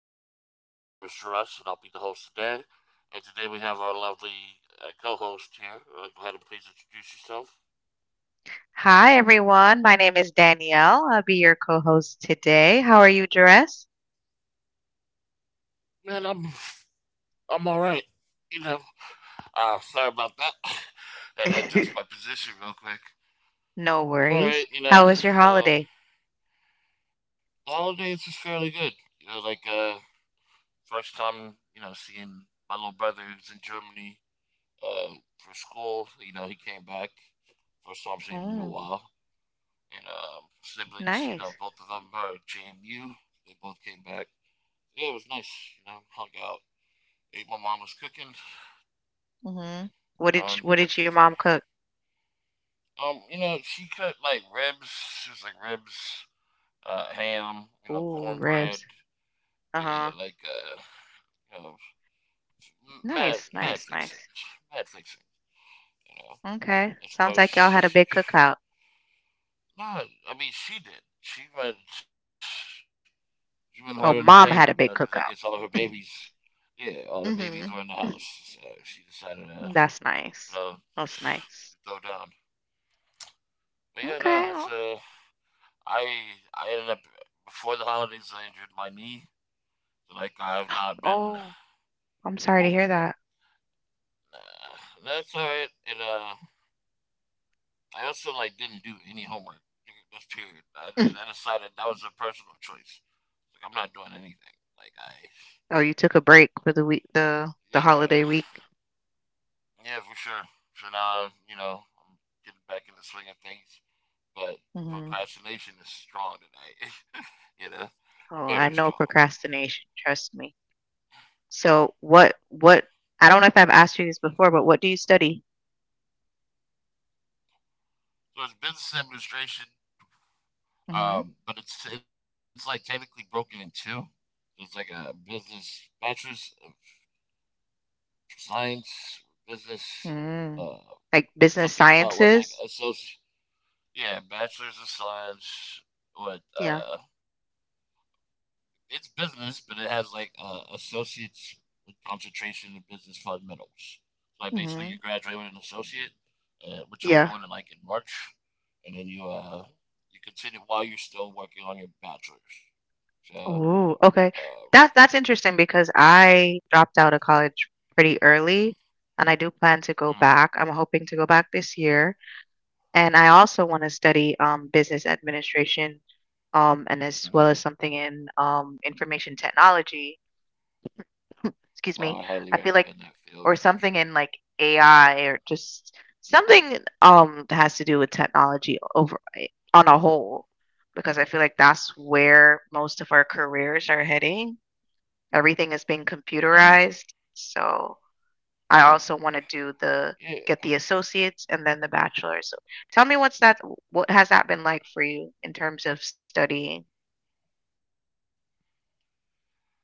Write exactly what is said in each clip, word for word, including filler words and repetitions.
to my podcast. My name is Russ, and I'll be the host today. And today we have our lovely uh, co-host here. Uh, go ahead and please introduce yourself. Hi, everyone. My name is Danielle. I'll be your co host today. How are you dressed? Man, I'm I'm all right. You know, uh, sorry about that. And adjust my position real quick. No I'm all right. worries. You know, How was your holiday? um, the holidays was fairly good. You know, like uh, first time you know seeing my little brother who's in Germany uh, for school. You know, he came back first time seeing him in a Mm, while. And um, siblings. You know, nice. both of them are at J M U. They both came back. Yeah, it was nice. You know, hung out, ate my mama's cooking. Hmm What You did know, sh- and what did kept it your pretty. mom cook? Um, you know, she cut like ribs. She was like ribs, uh, ham. You know, Ooh, cornbread. ribs. Yeah, Uh-huh. like uh, you know, mad, Nice, mad nice, fixing, nice. mad fixing. You know, Okay. of Sounds course like y'all had a she. big cookout. No, I mean she did. She went. She's been hard in the paint, Oh, you know, because mom I had a guess all big of her cookout. babies, yeah, all the babies were in the house. Mm-hmm. So she decided to, That's you know, nice. That's throw nice. down. But yeah, no, Okay. that's o- uh, I I ended up before the holidays I injured my knee, so like I have not been Oh, I'm sorry to hear mobile. that. Uh, that's all right. And uh, I also like didn't do any homework during this period. I, I decided that was a personal choice. Like I'm not doing anything. Like I, Oh, you took a break for the week, the the holiday yeah. week. Yeah, for sure. So now, you know, I'm getting back in the swing of things. But the Mhm. procrastination is strong tonight, you know, Oh, I very know strong. procrastination, trust me. So what what I don't know if I've asked you this before, but what do you study? So it's business administration, Mhm. um, but it's it's like technically broken in two. It's like a business bachelor's of science, business, Mm. uh, Like business something about what sciences? like associate, yeah, bachelor's of science, Yeah. what uh, it's business, but it has like uh, associates with concentration in business fundamentals. So like Mhm. basically, you graduate with an associate, uh, which Yeah. I'm doing in like in March, and then you uh you continue while you're still working on your bachelor's. Ooh, So okay. That um, that's interesting because I dropped out of college pretty early and I do plan to go back. I'm mm, hoping to go back this year. And I also want to study um business administration um and as well as mm-hmm. something in um information technology. Well, Excuse I me, highly I feel recommend like that field or for sure. something in like A I or just something um that has to do with technology over eh, on a whole because I feel like that's where most of our careers are heading. Everything is being Hmm. computerized. So I Yeah, also want to do the yeah. get the associates and then the bachelor's. So tell me what's that what has that been like for you in terms of studying?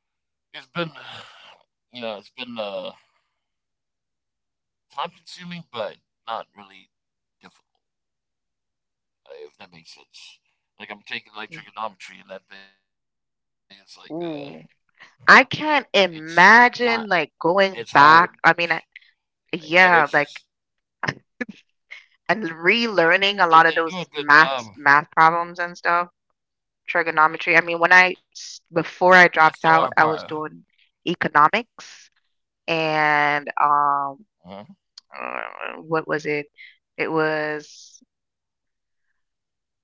It's been you know it's been uh time consuming, but not really difficult. Uh, if that makes sense. Like I'm taking like trigonometry and that thing. It's like uh, Ooh. I it's can't not it's imagine like hard, going back. I mean, I, but it's just Yeah, like and they, they relearning a do a lot of good those job. maths math problems and stuff, trigonometry. Yeah, I mean, when that's I the hard s- part. before I dropped out, I was doing economics and Uh-huh. um uh, what was it? It was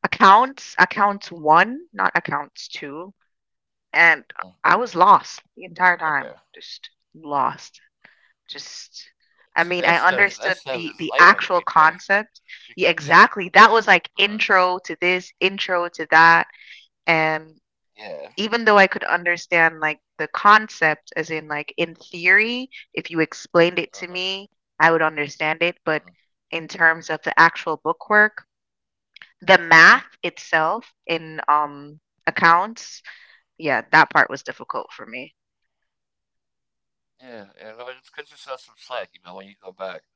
accounts, accounts one, not accounts two, Uh, and I was lost right. the entire time, just lost. Just See that I stuff. mean, That I stuff is understood light work the right the there actual concept. because Yeah, exactly. That uh was huh. like intro to this, intro to that. And Yeah. even though I could understand like the concept as in like in theory, if you explained it to Uh-huh. me, I would understand it, but Uh-huh. in terms of the actual bookwork, the math uh, itself in um accounts, yeah, that part was difficult for me. Yeah, yeah, no, just cut yourself some slack, you know, when you go back.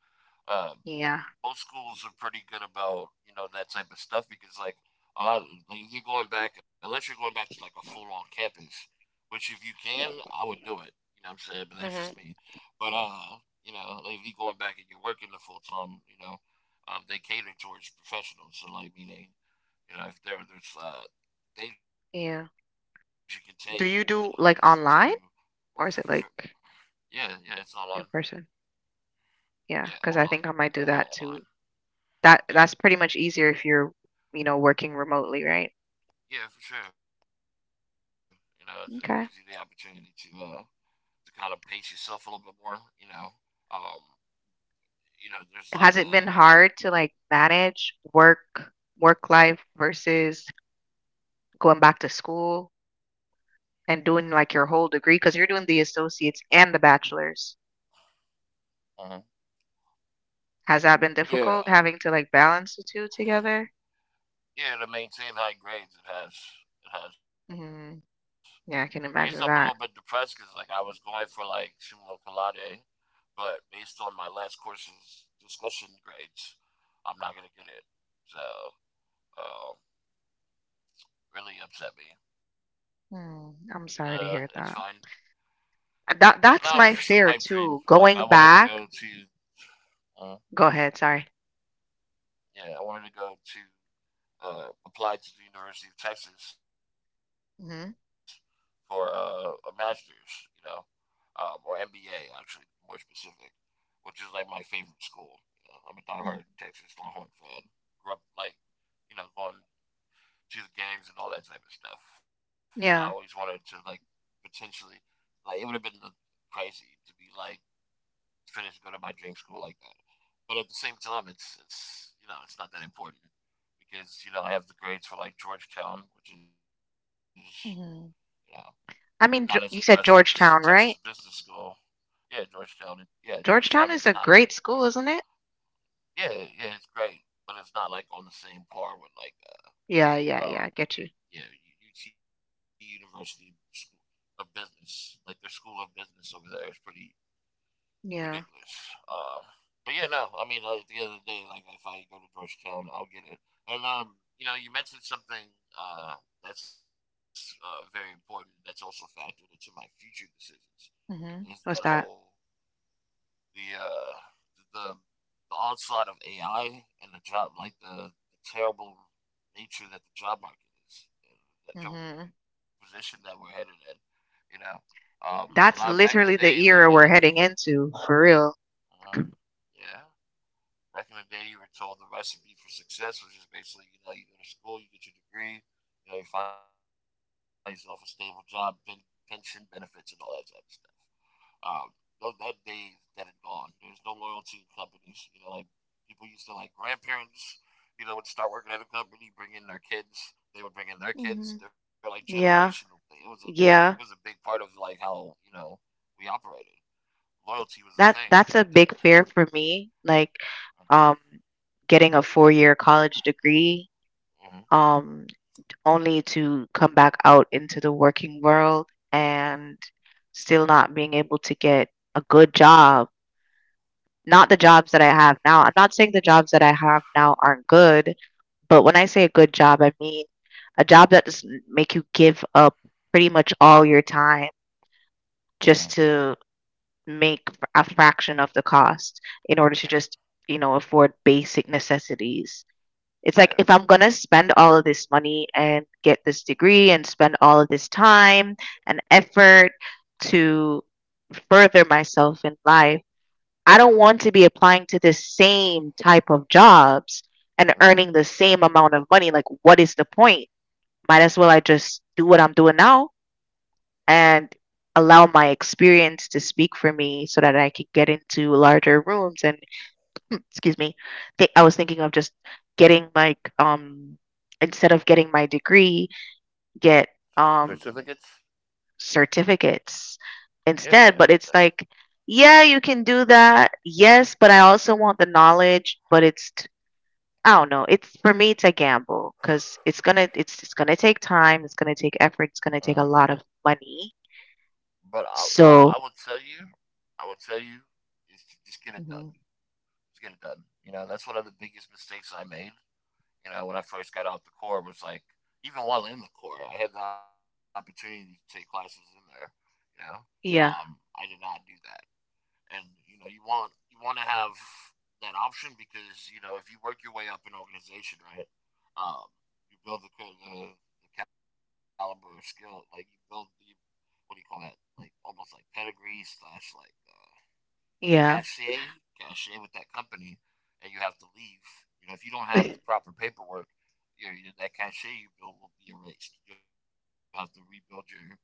Um, Yeah. Most schools are pretty good about you know that type of stuff because like a lot like if you're going back unless you're going back to like a full on campus, which if you can, I would do it. You know what I'm saying? But that's Mhm. just me. But uh, you know, like if you're going back and you're working the full time, you know, um, they cater towards professionals. So like meaning, you know, if there there's uh things you Yeah. can take, you know, there's Do to you do like online for, for, or is it like yeah yeah it's online. in person? Yeah, because I Yeah, think I might online, do that only too. online. That that's pretty much Yeah. easier if you're, you know, working remotely, right? Yeah, for sure. You know, so it gives you the Okay. opportunity to uh, to kind of pace yourself a little bit more. You know, um, you know, Has there's it like been a hard to, like, manage work work life versus going back to school and doing, like, your whole degree? Because 'Cause you're doing the associates and the bachelor's. uh Has that been difficult yeah, having to, like, balance the two together? yeah, to maintain high grades, it has it has. Mhm. I guess I'm a Yeah, I little can bit imagine depressed that. because like I was going for like summa cum laude, but based on my last course's discussion grades, I'm not gonna get it. So um, really upset me. Uh, Hmm, it's I'm fine. sorry to hear that. Uh, No, it That was just a that's my pipe fear dream. Like too, I wanted to going go back. to uh, Go ahead, sorry. yeah, I wanted to go to uh, apply to the University of Texas for Mhm. uh, a master's, you know, um, or M B A actually, more specific, which is like my favorite school. You know, I'm a diehard Texas Longhorn fan. Grew up like you know going to the games and all that type of stuff. So I always Yeah. wanted to like potentially like it would have been crazy to be like finished going to my dream school like that. But at the same time, it's it's you know it's not that important. Because you know I have the grades for like Georgetown, which is you Mhm. know I not as mean, Geo you impressive said as Georgetown, Texas right? Business School. Yeah, Georgetown, and yeah, Georgetown Georgetown is a is not great a school, isn't it? yeah yeah it's great, but it's not like on the same par with like uh, Yeah, yeah, yeah, I get you. um you know U T University School of Business. Like their School of Business over there is pretty Yeah. ridiculous. Um, but yeah, no, I mean, like the other day, like if I go to Georgetown, I'll get it. And um, you know, you mentioned something uh, that's uh, very important. That's also factored into my future decisions. Is Mhm. that What's that? whole the uh, the the onslaught of A I and the job, like the, the terrible nature that the job market is, and the Mhm. terrible position that we're headed in. You know, um, a lot That's back in the literally day, the you era know, we're heading into, for real. uh, yeah, back in the day, you were told the recipe for success was just basically, you know, you go to school, you get your degree, you know, you find yourself a stable job, pen- pension benefits, and all that type of stuff. Um, those, that day is dead and gone. There's no loyalty in companies. You know, like people used to like grandparents. You know, would start working at a company, bring in their kids. They would bring in their Mhm. kids. They're like Yeah, generational thing. It was a it was yeah. a big part of like how you know we operated. Loyalty was a That thing. that's a Uh, big fear for me, like, um, getting a four-year college degree, mhm, um, only to come back out into the working world and still not being able to get a good job. Not the jobs that I have now. I'm not saying the jobs that I have now aren't good, but when I say a good job, I mean a job that doesn't make you give up pretty much all your time mhm. just to make a fraction of the cost in order to just, Yeah, you know, afford basic necessities. It's like if I'm yeah. gonna spend all of this money and get this degree and spend all of this time and effort to further myself in life, I don't want to be applying to the same type of jobs and earning Mhm. the same amount of money. Like, what is the point? Might as well I just do what I'm doing now and allow my experience to speak for me so that I could get into larger rooms. And excuse me, th- I was thinking of just getting like um instead of getting my degree, get um Certificates. certificates Yeah, yeah. instead. But it's like, yeah, you can do that. Yes, but I also want the knowledge. But it's t- I don't know. It's for me, it's a gamble because it's gonna it's it's gonna take time. It's gonna take effort. Uh-huh. It's gonna take a lot of money. But I, what I would So tell you, I would tell you, is to just get it done. hmm Just get it done. You know, that's one of the biggest mistakes I made. You know, when I first got out the Corps, was like, even while in the Corps, I had the opportunity to take classes in there. You know, um, yeah, I did not do that. And you know you want you want to have that option because you know if you work your way up in organization, right? Um, you build the, ca- the the caliber of skill, like you build the what do you call that? Like almost like pedigree slash like uh, yeah. cachet, cachet with that company, and you have to leave. You know, if you don't have the proper paperwork, your, your that cachet you built will be erased. You'll have to rebuild your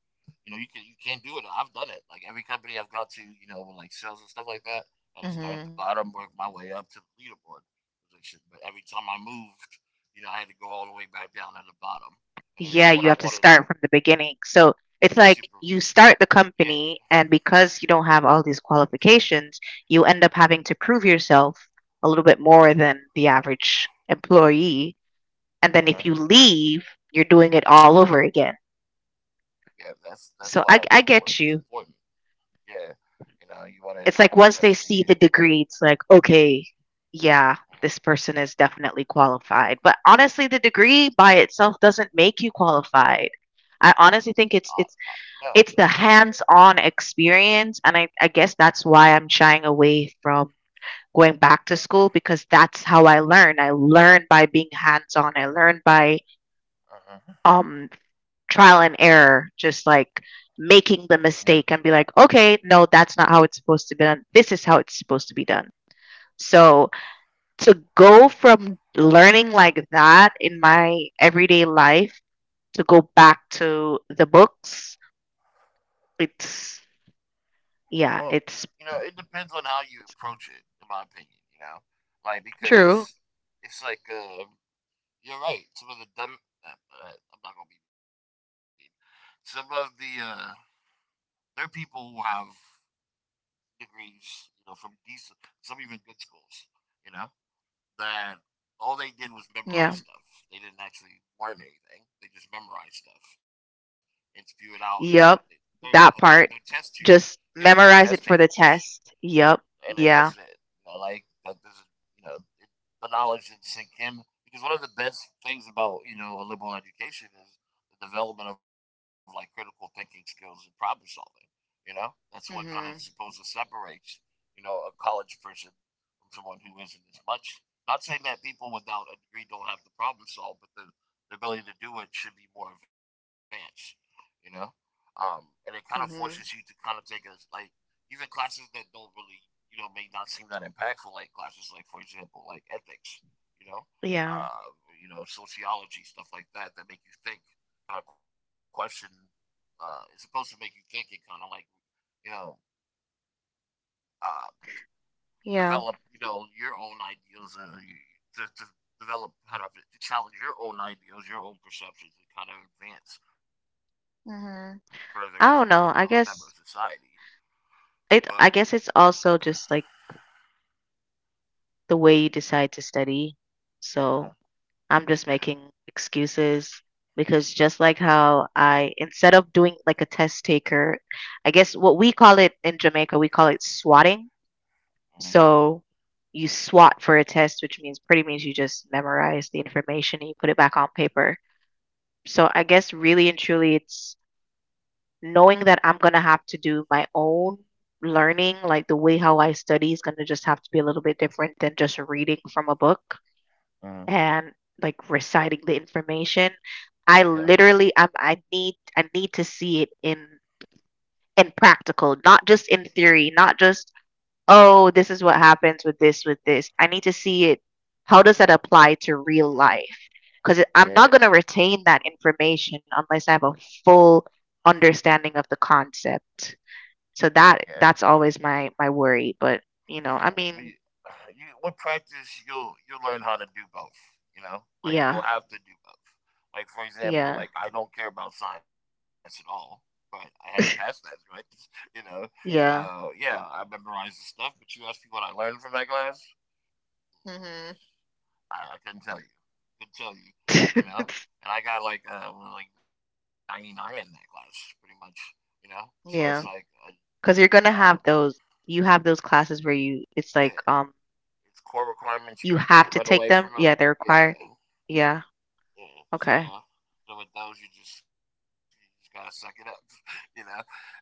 you know, you can you can't do it. I've done it. Like every company I've gone to, you know, with like sales and stuff like that, I had to start at mhm. the bottom, work my way up to the leaderboard position. But every time I moved, you know, I had to go all the way back down at the bottom. Yeah, And you then have to even what I start from wanted the super beginning. So it's like yeah. you start the company, and because you don't have all these qualifications, you end up having to prove yourself a little bit more than the average employee. And then if you Uh-huh. leave, you're doing it all over again. Yeah, that's that's So why I, that I paperwork get is you. important. Yeah. You know, you It's wanna like you once wanna they see the definitely degree, it's like, okay, yeah, this person uh, is definitely qualified. But honestly, the degree by itself doesn't make you qualified. I honestly think it's uh, it's uh no. It's the hands-on experience, and I I guess that's why I'm Yeah. shying away from going back to school because that's how I learn. I learn by being hands-on. I learn by um Uh-huh. trial and error, just like making the mistake Yeah. and be like, "Okay, no, that's not how it's supposed to be done. This is how it's supposed to be done." So, to go from learning like that in my everyday life to go back to the books, it's yeah, it's Well, you know, it depends on how you approach it, in my opinion, you know? true. Like, because it's like, uh, you're right. Some of the dumb, uh, uh, I'm not going to be mean. Some of the, uh, there are people who have degrees, you know, from decent, some even good schools, you know, that all they did Yeah. was memorize stuff. They didn't actually learn anything. They just memorized stuff and spew it out. And they, Yep. they, they That part. like, they're test tube, Just yeah, memorize they're it for test the takers, test. Yep. and Yeah. then that's it. You know, like that this is you know it, the knowledge should sink in because one of the best things about you know a liberal education is the development of like critical thinking skills and problem solving. You know, that's what kind Mhm. of supposed to separates you know a college person from someone who isn't as much. Not saying that people without a degree don't have to problem solve, but the, the ability to do it should be more advanced. You know, um, and it kind of forces Mhm. you to kind of take a like even classes that don't really you know may not seem that impactful, like classes like for example like ethics, you know, Yeah. uh, you know sociology stuff like that that make you think, kind of question. Uh, it's supposed to make you think and kind of like you know uh, Yeah. develop you know your own ideals uh, to, to develop kind of to challenge your own ideals, your own perceptions, and kind of advance further as a you know a Mhm. member of I don't society. know. I guess But it I guess it's also just like the way you decide to study. uh, So, I'm just yeah. making excuses because just like how I instead of doing like a test taker, I guess what we call it in Jamaica, we call it swatting. Mm-hmm. So you S W O T for a test, which means pretty means you just memorize the information and you put it back on paper. So I guess really and truly it's knowing that I'm gonna have to do my own learning, like the way how I study is gonna just have to be a little bit different than just reading from a book Mm-hmm. and like reciting the information. I yeah, literally I'm I need I need to see it in in practical, not just in theory, not just oh, this is what happens with this, with this. I need to see it. How does that apply to real life? Because I'm yeah, yeah, not going to retain that information unless I have a full understanding of the concept. So yeah, that that's always my my worry. But you know, I we- mean, you, with practice, you'll you'll learn how to do both. You know, like you'll yeah, have to do both. Like for example, yeah, like I don't care about science at all, but I had to pass that, right? you know, so yeah, yeah, I memorized the stuff. But you asked me what I learned from that class, hmm I, I couldn't tell you. Couldn't tell you. You know, and I got like uh well, like ninety nine in that class, pretty much. You know, so it's like yeah. uh, Because you're um gonna have those. You have those classes where you it's yeah, like um it's core requirements. You, you you can't have to run take away them. from them. Yeah, they're required. Yeah, Yeah. yeah. So, Okay. so with those, you just you just gotta suck it up, you know. And uh,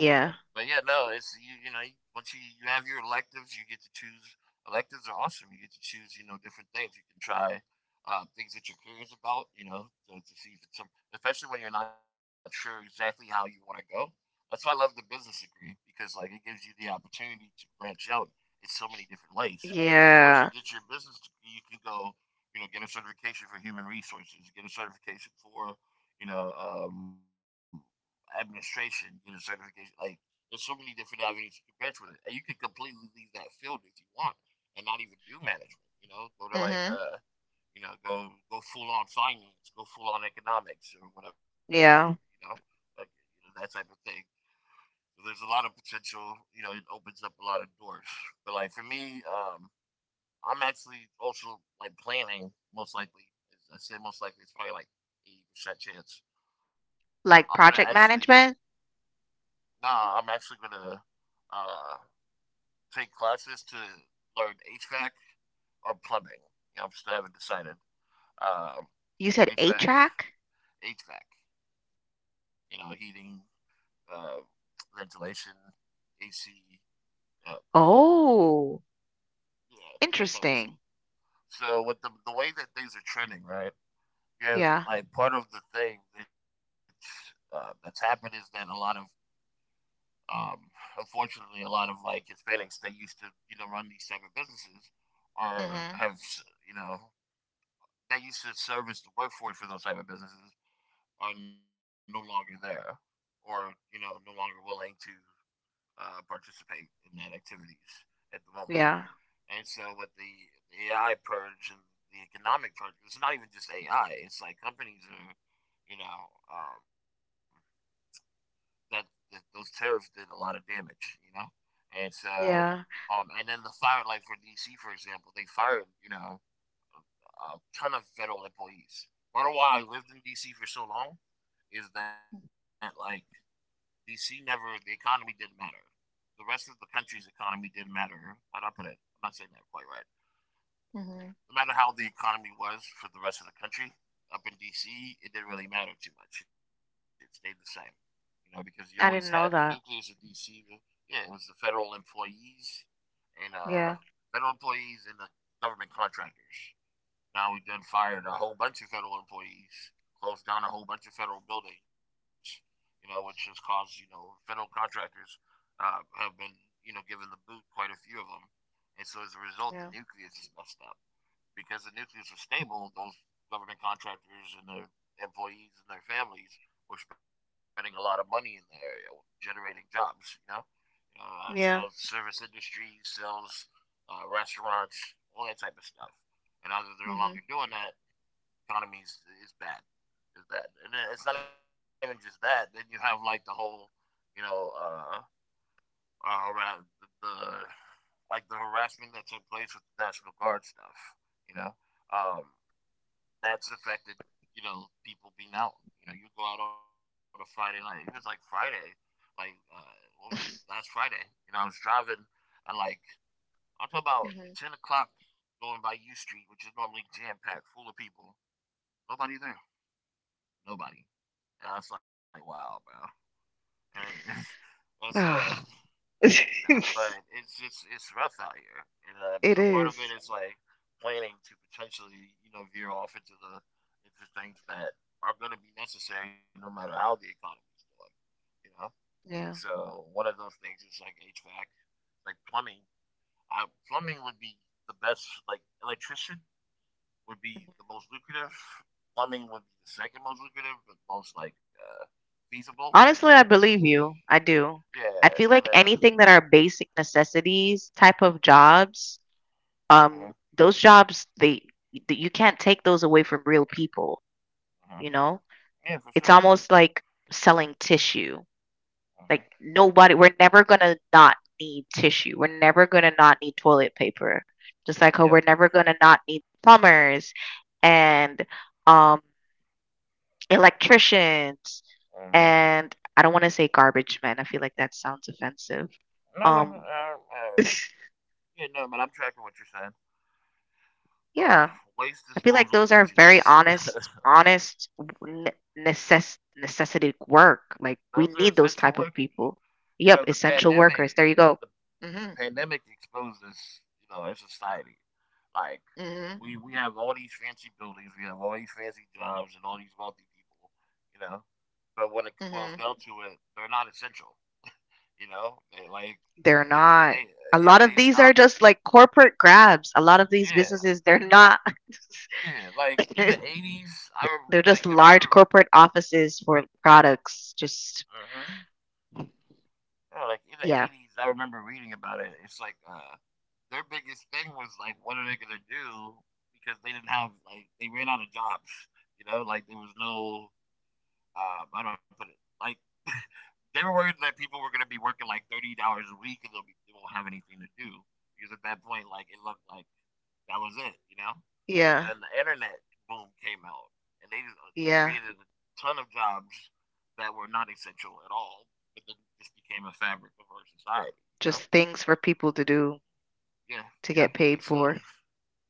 but yeah, no, it's you. You know, once you you have your electives, you get to choose. Electives are awesome. You get to choose. You know, different things. You can try uh, things that you're curious about. You know, to, to see if it's some, especially when you're not sure exactly how you want to go. That's why I love the business degree because like it gives you the opportunity to branch out in so many different ways. Because once you get Yeah. your business degree, you can go, you know, get a certification for human resources, get a certification for, you know, um, administration, get a certification like there's so many different avenues you can branch with it, and you can completely leave that field if you want, and not even do management. You know, go to like Mhm. uh, you know, go go full on finance, go full on economics or whatever. You know, Yeah. like you know, that type of thing. So there's a lot of potential. You know, it opens up a lot of doors. But like for me, um, I'm actually also like planning most likely. As I said most likely, it's probably like eighty percent chance. I'm gonna Like actually, project management? nah, I'm actually gonna uh, take classes to learn H V A C or plumbing. You know, I still haven't decided. You said Um, eight HVAC, track? H V A C, you know, heating, uh, ventilation, A C, uh, Oh, yeah, that type of stuff. interesting. So with the the way that things are trending, right? Yeah, Yeah. like part of the thing that's uh, that's happened is that a lot of um, unfortunately, a lot of like Hispanics that used to you know run these type of businesses are Mhm. have you know that used to service the workforce for those type of businesses are no longer there, or you know, no longer willing to uh, participate in that activities at the moment. Yeah. And so, with the, the A I purge and the economic purge, it's not even just A I. It's like companies are, you know, um, that, that those tariffs did a lot of damage, you know. And so, Yeah. um, and then the fire, like for D C, for example, they fired, you know, a ton of federal employees. Part of why I lived in D C for so long is that like D C never the economy didn't matter. The rest of the country's economy didn't matter. How'd I put it? I'm not saying that quite right. Mhm. No matter how the economy was for the rest of the country, up in D C, it didn't really matter too much. It stayed the same, you know, because you always had the I didn't know nucleus of that. D C. The, yeah, it was the federal employees and uh, Yeah. federal employees and the government contractors. Now we done fired a whole bunch of federal employees, closed down a whole bunch of federal buildings, you know, which has caused, you know, federal contractors uh, have been, you know, given the boot, quite a few of them. And so as a result, Yeah. the nucleus is messed up. Because the nucleus was stable, those government contractors and their employees and their families were spending a lot of money in the area, generating jobs, you know? uh, Yeah. sells service industry, sells uh, restaurants, all that type of stuff. And now that they're Mhm. no longer doing that, economy is, is bad. Is bad. And then it's not even just that. Then you have like the whole, you know, uh, uh, around the, the like the harassment that took place with the National Guard stuff. You know, um, that's affected. You know, people being out. You know, you go out on a Friday night. It was like Friday, like uh, what was it? Last Friday. You know, I was driving and like I'm talking about ten Mhm. o'clock going by U Street, which is normally jam packed, full of people. Nobody there. Nobody. And I was like, wow, bro. And it's, it's uh, Ah. you know, but it's just, it's rough out here. And uh, It so part of is. it is like planning to potentially, you know, veer off into the, into things that are going to be necessary no matter how the economy is doing, you know? Yeah. And so one of those things is like H V A C, like plumbing. I, plumbing would be the best, like electrician would Mhm. be the most lucrative. Plumbing would be the second most lucrative, but most like uh, feasible. Honestly, I believe you. I do. I Yeah, feel like and then uh, anything that are basic necessities type of jobs, um, hmm those jobs, they, that you can't take those away from real people. You hmm know? yeah, for It's sure. almost like selling tissue. Hmm. Like nobody we're never going to not need tissue. We're never going to not need toilet paper. Just like how Yep. we're never going to not need plumbers and um electricians Hmm. and I don't want to say garbage men. I feel like that sounds offensive. No, no, Um uh, uh, yeah, no, but I'm tracking what you're saying. Uh, yeah, waste I feel like disposal those are very agents. honest, honest w- necess- necessity work. Like we Those are need those essential type of workers. people. You know, Yep, the essential workers. pandemic, There you go. the, the Hmm pandemic exposed us, you know, as society. Like hmm We we have all these fancy buildings, we have all these fancy jobs, and all these wealthy people, you know. But when it boils hmm down to it, they're not essential, you know. They, like They're they if not. they A if lot of they these are stop, just like corporate grabs. A lot of these yeah, businesses, they're not. yeah. Like in the eighties, I rem- They're like just I remember. large corporate offices for products. Just Mm-hmm. Yeah, like in the yeah, eighties, I remember reading about it. It's like uh, their biggest thing was like, what are they gonna do? Because they didn't have like they ran out of jobs, you know. Like there was no um, how do I put it? Like they were worried that people were going to be working like thirty dollars a week and they'll be they won't have anything to do because at that point, like it looked like that was it, you know. And yeah, then the internet boom came out, and they just uh, it yeah. created a ton of jobs that were not essential at all, but then just became a fabric of our society, you know. Just things for people to do Yeah, to yeah. get paid It's uh for.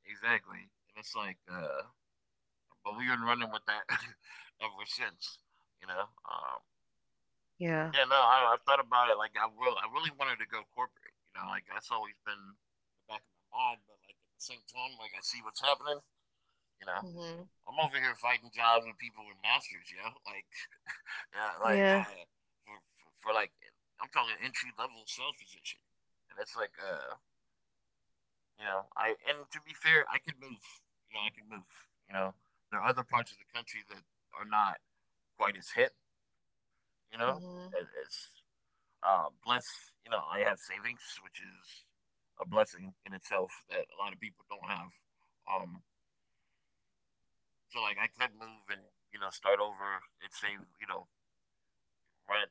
exactly, and it's like uh, but we've been running with that ever since, you know. Um, Yeah. Yeah, no, I, I've thought about it. Like, I will. I really wanted to go corporate. You know, like that's always been in the back of my mind. But like at the same time, like I see what's happening. You know, hmm I'm over here fighting jobs with people with masters. You know, like, yeah, like Yeah. uh, for, for, for like, I'm talking entry level sales position, and it's like, uh, you know, I and to be fair, I could move. You know, I can move. You know, there are other parts of the country that are not quite as hit. You know, and Mhm. it's Uh, bless, you know, I have savings, which is a blessing in itself that a lot of people don't have. Um, so like I could move and you know start over and save, you know, rent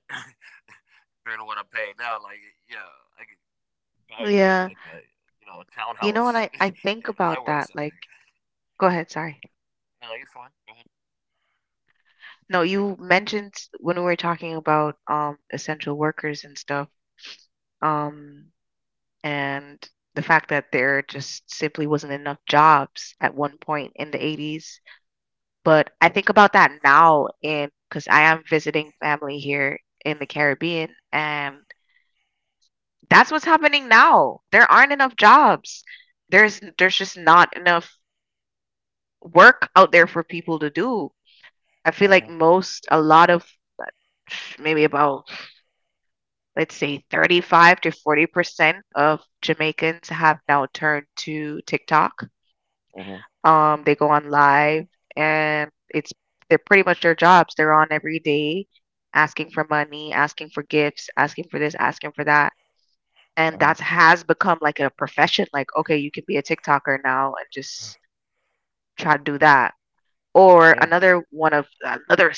compared to what I'm paying now. Like, yeah, I could probably rent Yeah. like a you know a You know what townhouse I I think in about Iowa or that something. like go ahead, sorry. No, you're fine. Go ahead. No, you mentioned when we were talking about um essential workers and stuff, um and the fact that there just simply wasn't enough jobs at one point in the eighties, but I think about that now in cuz I am visiting family here in the Caribbean and that's what's happening now. There aren't enough jobs. There's there's just not enough work out there for people to do. I feel like Mhm. most, a lot of, like, maybe about, let's say, thirty-five to forty percent of Jamaicans have now turned to TikTok. Mhm. Um, they go on live and it's they're pretty much their jobs. They're on every day asking for money, asking for gifts, asking for this, asking for that. And that Mhm. has become like a profession. Like, okay, you can be a TikToker now and just try to do that. Or Yeah. another one of another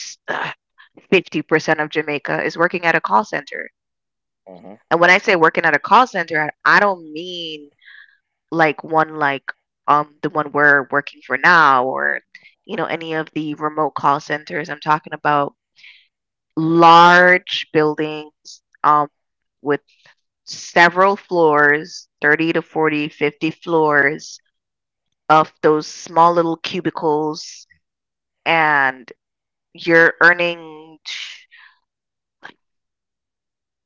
fifty percent of Jamaica is working at a call center. Mhm. And when I say working at a call center, I I don't mean like one like um the one we're working for now or you know any of the remote call centers. I'm talking about large buildings um with several floors, thirty to forty, fifty floors of those small little cubicles and you're earning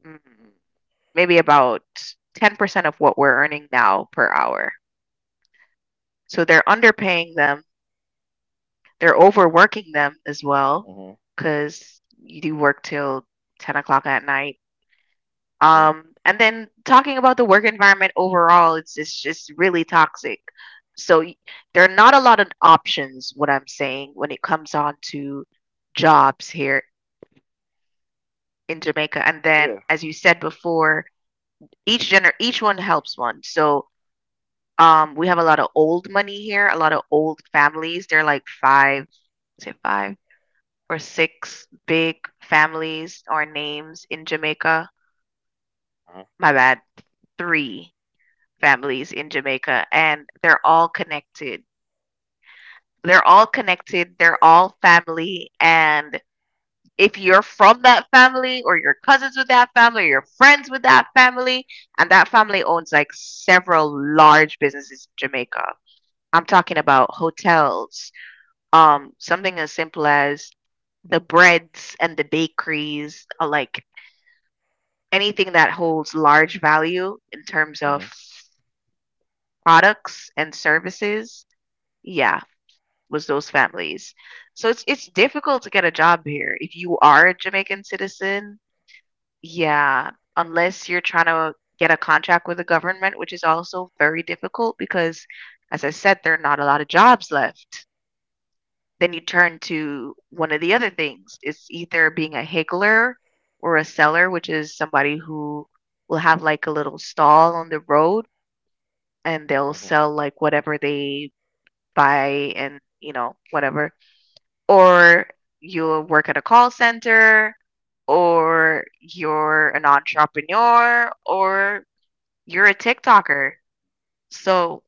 mm, maybe about ten percent of what we're earning now per hour. So they're underpaying them. They're overworking them as well Mhm. because you do work till ten o'clock at night. Yeah. Um, and then talking about the work environment overall, it's, it's just really toxic. So y- there are not a lot of options, what I'm saying, when it comes on to jobs here in Jamaica. And then, Yeah. as you said before, each gener each one helps one. So Um, we have a lot of old money here, a lot of old families. There are like five, is it five or six big families or names in Jamaica? My Mhm. bad, three families in Jamaica, and they're all connected. They're all connected, they're all family, and if you're from that family or you're cousins with that family or you're friends with that family, and that family owns like several large businesses in Jamaica. I'm talking about hotels, Um, something as simple as the breads and the bakeries, uh, like anything that holds large value in terms of Mhm. products and services, yeah, was those families. So it's it's difficult to get a job here if you are a Jamaican citizen. Yeah, unless you're trying to get a contract with the government, which is also very difficult because, as I said, there are not a lot of jobs left. Then you turn to one of the other things. It's either being a higgler or a seller, which is somebody who will have like a little stall on the road and they'll sell like Mhm. whatever they buy and, you know, whatever. Or you'll work at a call center or you're an entrepreneur or you're a TikToker. So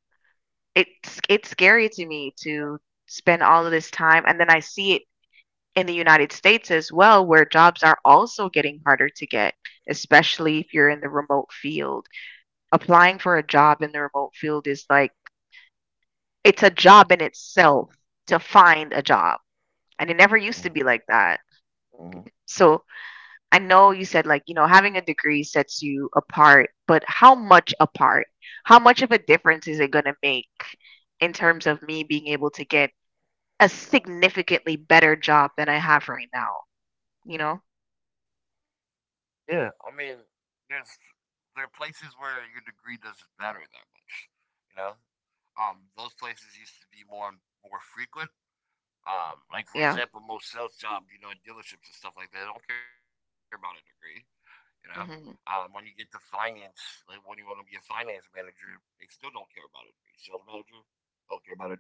it's it's scary to me to spend all of this time and then I see it in the United States as well, where jobs are also getting harder to get, especially if you're in the remote field. Applying for a job in the remote field is like, it's a job in itself to find a job. And it never used to be like that. Mhm. So Mhm. I know you said, like, you know, having a degree sets you apart, but how much apart? How much of a difference is it going to make in terms of me being able to get a significantly better job than I have right now? You know? Yeah. I mean, there's there are places where your degree doesn't matter that much. You know, um, those places used to be more more frequent. Yeah. Um, like for example, most sales jobs, you know, in dealerships and stuff like that, they don't care about a degree. You know, Mm-hmm. um, when you get to finance, like when you want to be a finance manager, they still don't care about a degree. Sales manager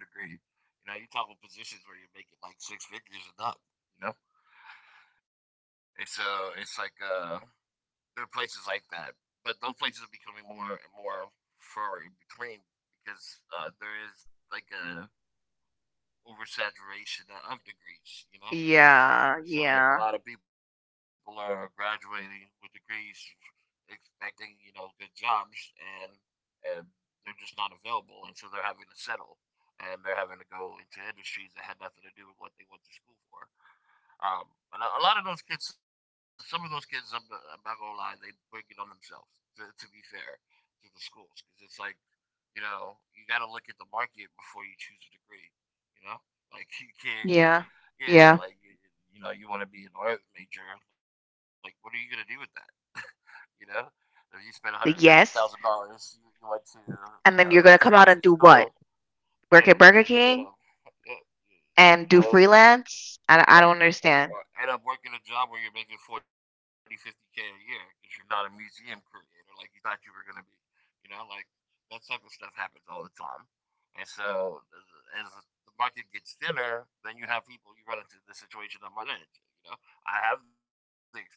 don't care about a degree. You know, you talk about positions where you're making like six figures and up. You know, it's uh, it's like uh, there are places like that, but those places are becoming more and more far in between because uh, there is like a oversaturation of degrees, you know. Yeah, yeah, So like a lot of people are graduating with degrees, expecting you know good jobs, and and they're just not available, and so they're having to settle, and they're having to go into industries that had nothing to do with what they went to school for. Um, and a, a lot of those kids, some of those kids, I'm, not- I'm not gonna lie, they bring it on themselves. To, to be fair, to the schools, because it's like you know you got to look at the market before you choose a degree. You know, like you can't. yeah, Yeah. yeah. Like you, you know you want to be an art major. Like, what are you gonna do with that? You know, if you spend one hundred fifty The thousand yes. dollars, you, you went to you know And a then you're gonna fancy come out and do school. what? Yeah. Work and at then Burger you had a, King yeah, you and do know, freelance? I, I or, don't understand. or end up working a job where you're making forty, fifty K a year because you're not a museum creator like you thought you were going to be. You know, like that type of stuff happens all the time. And so as, as the market gets thinner, then you have people, you run into the situation I'm running into. You know, I have the experience,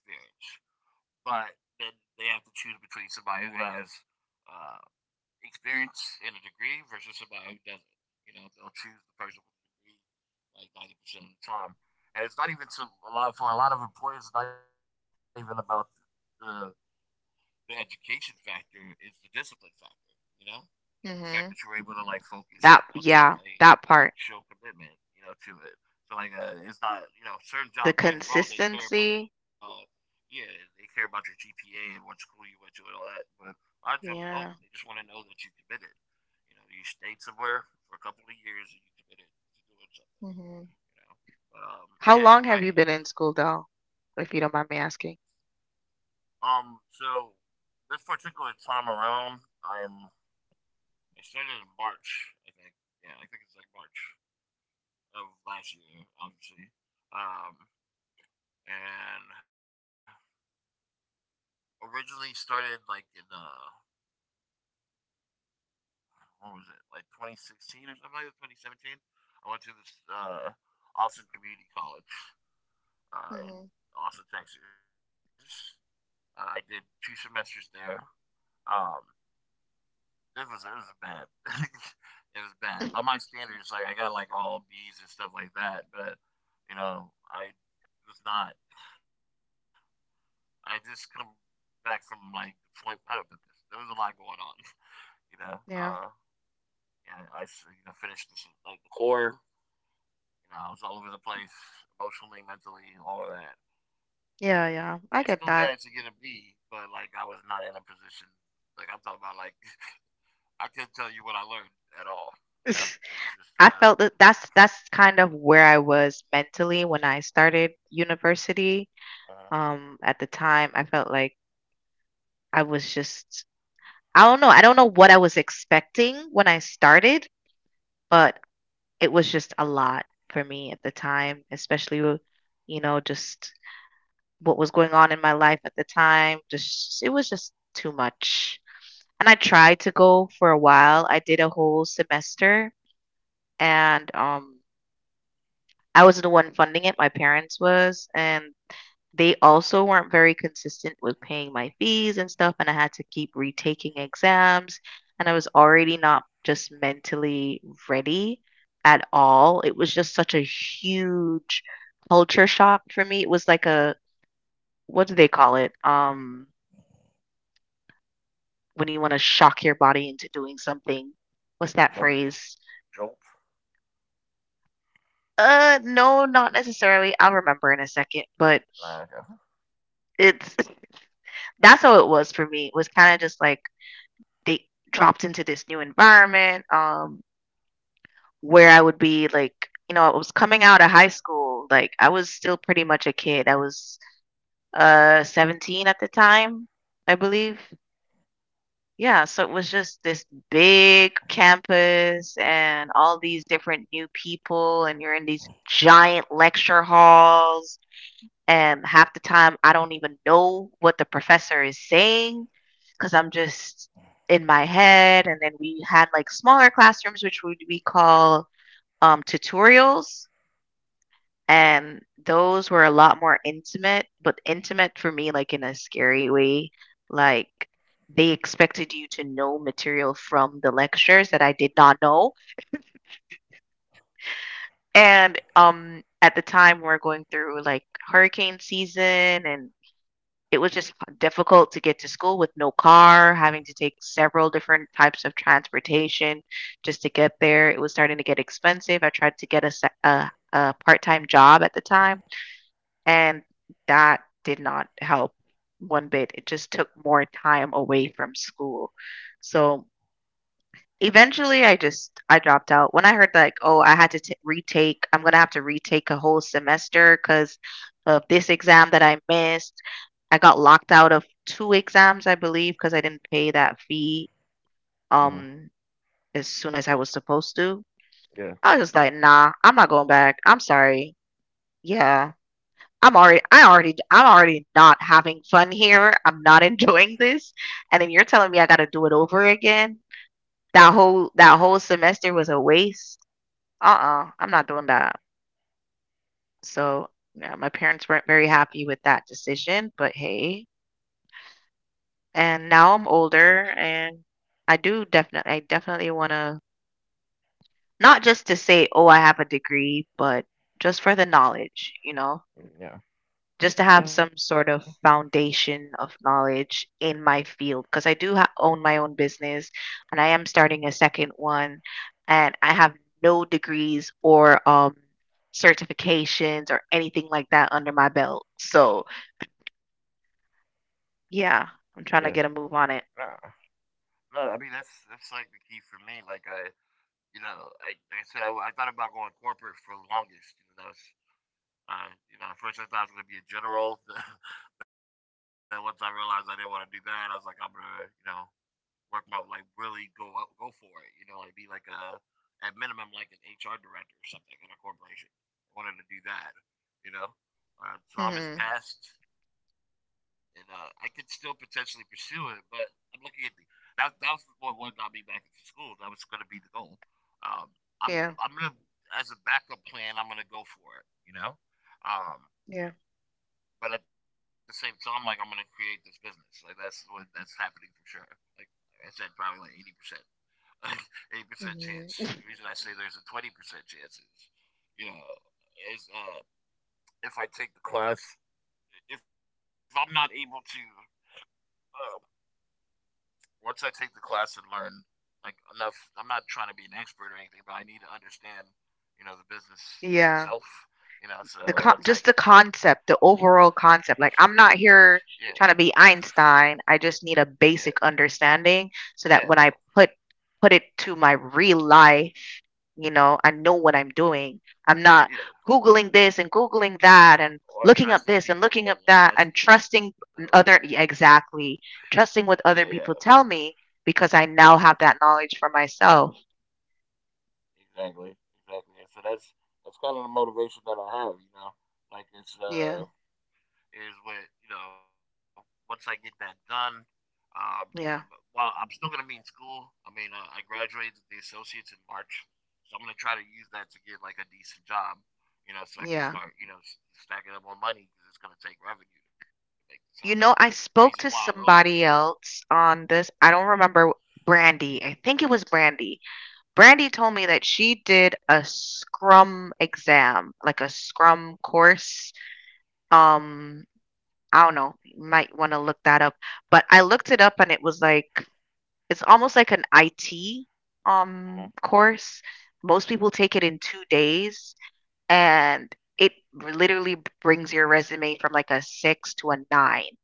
but then they have to choose between somebody who has uh, experience in a degree versus somebody who doesn't. You know, they'll choose the person with the degree like ninety percent of the time. And it's not even so a lot for a lot of employers. It's not even about the the education factor; it's the discipline factor. You know, like the fact that you're Mm-hmm. able to like focus on That, something yeah, and, and that part. show commitment. You know, to it. So like, uh, it's not you know certain jobs. The Don't get me wrong; they care about. consistency. Yeah, they care about your G P A and what school you went to and all that. But a lot of jobs don't. They just Yeah. want to know that you committed. You know, you stayed somewhere for a couple of years and you committed to doing something Mm-hmm. you know. But, um, but How yeah, long you're have you right. been in school though, if you don't mind me asking? Um, so this particular time around, I'm. I started in March, I think. Yeah, I think it's like March of last year, obviously. Um, and originally started like in uh, what was it, like twenty sixteen or something like that, twenty seventeen. I went to this uh, Austin Community College uh, in Mhm. Austin, Texas. Uh, I did two semesters there. Um, It was it was bad. It was bad. By my standards, like I got like all B's and stuff like that, but you know, I was not. I just come back from like deployment. I don't know, there was a lot going on. You know, uh, Yeah. yeah, I you know, finished this, like the core. You know, I was all over the place emotionally, mentally, all of that. Yeah, I yeah. still I managed get to get a that. B, but like I was not in a position. Like I'm talking about, like I couldn't tell you what I learned at all. You know, it's just I uh, felt that that's that's kind of where I was mentally when I started university. uh Um, at the time, I felt like I was just I don't know, I don't know what I was expecting when I started, but it was just a lot for me at the time, especially with, you know, just what was going on in my life at the time. Just it was just too much. And I tried to go for a while. I did a whole semester and um I wasn't the one funding it, my parents was, and they also weren't very consistent with paying my fees and stuff, and I had to keep retaking exams, and I was already not just mentally ready at all. It was just such a huge culture shock for me. It was like a what do they call it? Um, when you want to shock your body into doing something. What's that jolt, phrase? jolt. Uh, no, not necessarily. I'll remember in a second, but Like, uh, it's that's how it was for me. It was kind of just like they dropped into this new environment um, where I would be like, you know, I was coming out of high school. Like, I was still pretty much a kid. I was uh, seventeen at the time, I believe. Yeah, so it was just this big campus and all these different new people, and you're in these giant lecture halls and half the time I don't even know what the professor is saying because I'm just in my head. And then we had like smaller classrooms, which would we call um, tutorials, and those were a lot more intimate, but intimate for me, like in a scary way, like. They expected you to know material from the lectures that I did not know. And um at the time we we're going through like hurricane season and it was just difficult to get to school with no car, having to take several different types of transportation just to get there. It was starting to get expensive. I tried to get a se a a part-time job at the time, and that did not help one bit. It just took more time away from school. So eventually, I just I dropped out. When I heard, like, "Oh, I had to t retake I'm gonna have to retake a whole semester because of this exam that I missed." I got locked out of two exams, I believe, because I didn't pay that fee, um, mm-hmm. as soon as I was supposed to. I was just like, Yeah, "Nah, I'm not going back. I'm sorry." Yeah. I'm already I already I'm already not having fun here. I'm not enjoying this, and then you're telling me I gotta do it over again? That whole that whole semester was a waste? Uh-uh, I'm not doing that. So, yeah, my parents weren't very happy with that decision, but hey. And now I'm older and I do definitely I definitely want to not just to say, "Oh, I have a degree," but just for the knowledge, you know? yeah, Just to have some sort of yeah, foundation of knowledge in my field because I do ha- own my own business and I am starting a second one and I have no degrees or um certifications or anything like that under my belt. So, yeah, I'm trying to yeah. get a move on it. Nah, no, I mean that's that's like the key for me. Like I, you know, I, like I said, I, I thought about going corporate for the longest. You know, that was, uh, you know, at first I thought I was gonna be a general. Then once I realized I didn't want to do that, I was like, I'm gonna, you know, work my like really go go for it. You know, like be like a at minimum like an H R director or something in a corporation. I wanted to do that. You know, Mhm. Uh, time has passed, and uh, I could still potentially pursue it, but I'm looking at the that that was what what got me back into school. That was going to be the goal. Um, Yeah. I'm I'm gonna as a backup plan, I'm gonna go for it. You know, Yeah. um, but at the same time, like I'm gonna create this business. Like that's what that's happening for sure. Like I said, probably like eighty percent, eighty percent Mhm. chance. The reason I say there's a twenty percent chance is, you know, is uh, if I take the class if I'm not able to, uh, once I take the class and learn like enough. I'm not trying to be an expert or anything, but I need to understand, you know, the business Yeah. itself. You The know, con just so the once I, concept, the overall concept. Like, I'm not yeah, here trying to be Einstein. I just need a yeah, basic understanding so that when I yeah, put put it to my real life, you know, I know what I'm doing. I'm not yeah, yeah, Googling this and Googling that and or looking up this trusting and looking up people, or that and as you know, trusting other, yeah, exactly, yeah, trusting yeah, what other people tell me because I now have that knowledge for myself. exactly, exactly. And so that's that's kind of the motivation that I have. You know, like it's Yeah, uh is what you know. Once I get that done, um, yeah, I'm well. I'm still gonna be in school. I mean, uh, I graduated the associates in March, so I'm gonna try to use that to get like a decent job. You know, so I yeah. can start you know stacking up more money because it's gonna take revenue to make this happen. You know, I The reason spoke why. to Oh. somebody else on this. I don't remember Brandy. I think it was Brandy. Brandy told me that she did a Scrum exam, like a Scrum course. Um, I don't know. You might want to look that up. But I looked it up and it was like it's almost like an I T um Mhm, course. Most people take it in two days and it literally brings your resume from like a six to a nine.